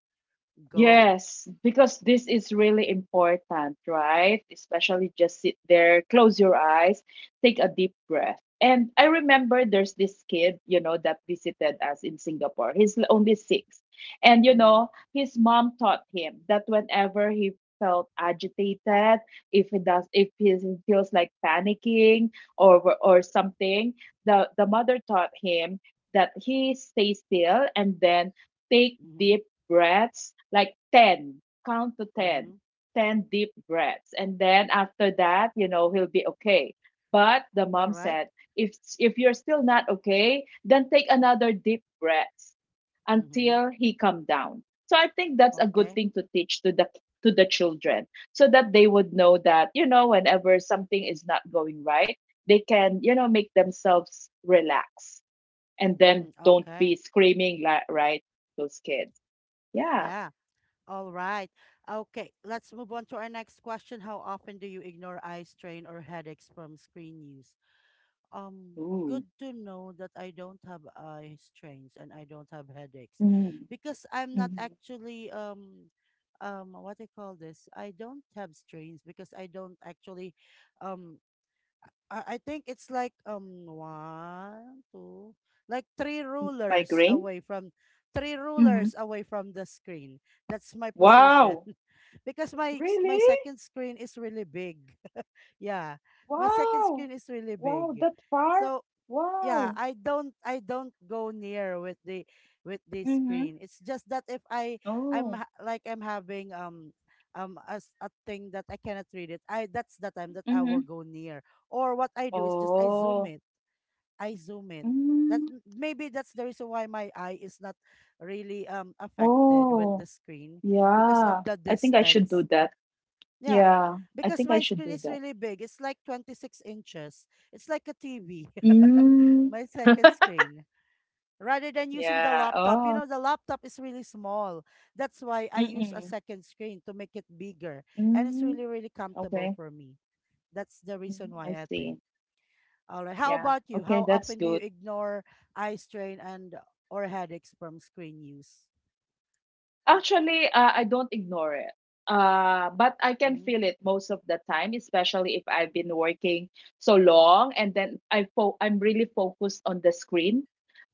S1: Go.
S2: Yes, because this is really important, right? Especially just sit there, close your eyes, take a deep breath. And I remember there's this kid, you know, that visited us in Singapore. He's only six. And, you
S1: Mm-hmm.
S2: know, his mom taught him that whenever he felt agitated, if he feels like panicking or something, the mother taught him that he stay still and then take
S1: Mm-hmm.
S2: deep breaths, like 10, count to ten,
S1: Mm-hmm.
S2: 10 deep breaths. And then after that, you know, he'll be okay. But the
S1: All
S2: mom
S1: right.
S2: said, if you're still not okay, then take another deep breath
S1: Mm-hmm.
S2: until he come down. So I think that's a good
S1: Okay.
S2: thing to teach to the children, so that they would know that, you know, whenever something is not going right, they can, you know, make themselves relax and then
S1: Mm,
S2: don't
S1: okay.
S2: be screaming like right those kids. Yeah.
S1: Yeah. All right. Okay. Let's move on to our next question. How often do you ignore eye strain or headaches from screen use?
S2: Ooh.
S1: Good to know that I don't have eye strains and I don't have headaches
S2: Mm.
S1: because I'm not
S2: Mhm.
S1: actually what do you call this? I don't have strains because I don't actually um I think it's like one, two, like
S2: Migraine?
S1: three
S2: Hmm.
S1: rulers away from the screen. That's my position
S2: Wow.
S1: because my
S2: Really?
S1: second screen is really big. Yeah, my second
S2: Wow.
S1: screen is really
S2: Wow,
S1: big.
S2: that far?
S1: So yeah,
S2: Wow.
S1: I don't go near with the
S2: Mm-hmm.
S1: screen. It's just that if I I'm
S2: Oh.
S1: ha- like I'm having as a thing that I cannot read it I that's the time that I will
S2: Mm-hmm.
S1: go near, or what I do is just
S2: Oh.
S1: I zoom it.
S2: Mm.
S1: Maybe that's the reason why my eye is not really affected with
S2: Oh.
S1: the screen because of
S2: Yeah.
S1: the
S2: I think I should do
S1: distance.
S2: that.
S1: Yeah,
S2: Yeah. I
S1: because
S2: think I
S1: my
S2: should
S1: screen
S2: do
S1: is
S2: that.
S1: really big. It's like 26 inches. It's like a TV,
S2: Mm.
S1: my second screen. Rather than using the
S2: Yeah.
S1: laptop, you
S2: Oh.
S1: know, the laptop is really small. That's why I use a
S2: Mm-mm.
S1: second screen to make it bigger. And it's
S2: Mm.
S1: really, really comfortable
S2: Okay.
S1: for me. That's the
S2: Mm,
S1: reason
S2: I
S1: why I
S2: see.
S1: think. All right. How
S2: Yeah.
S1: about you?
S2: Okay,
S1: How
S2: that's
S1: often do you
S2: good.
S1: ignore eye strain and or headaches from screen use?
S2: Actually, I don't ignore it. But I can
S1: Mm-hmm.
S2: feel it most of the time, especially if I've been working so long and then I'm really focused on the screen,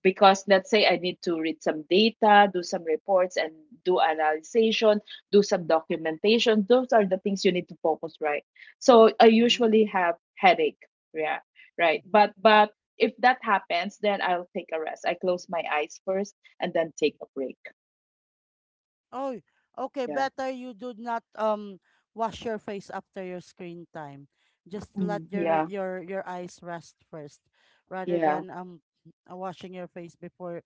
S2: because let's say I need to read some data, do some reports and do analysis, do some documentation. Those are the things you need to focus, right? So I
S1: Mm-hmm.
S2: usually have headache. Yeah, right.
S1: Mm-hmm.
S2: But if that happens, then I'll take a rest. I close my eyes first and then take a break.
S1: Oh, okay.
S2: Yeah.
S1: Better you do not wash your face after your screen time. Just
S2: Mm,
S1: let
S2: yeah,
S1: your eyes rest first, rather
S2: yeah.
S1: than washing your face before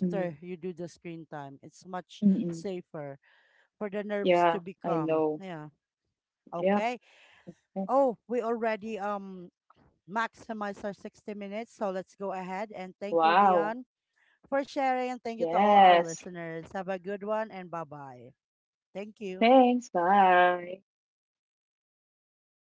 S2: Mm.
S1: you do the screen time. It's much
S2: Mm-mm.
S1: safer for the nerves to
S2: Yeah,
S1: be
S2: I
S1: calm.
S2: know.
S1: Yeah.
S2: Yep.
S1: Okay. Oh, we already maximize our 60 minutes, so let's go ahead and thank you,
S2: Wow.
S1: Dion, for sharing and thank you to all our
S2: Yes.
S1: listeners. Have a good one and bye-bye. Thank you.
S2: Thanks. Bye.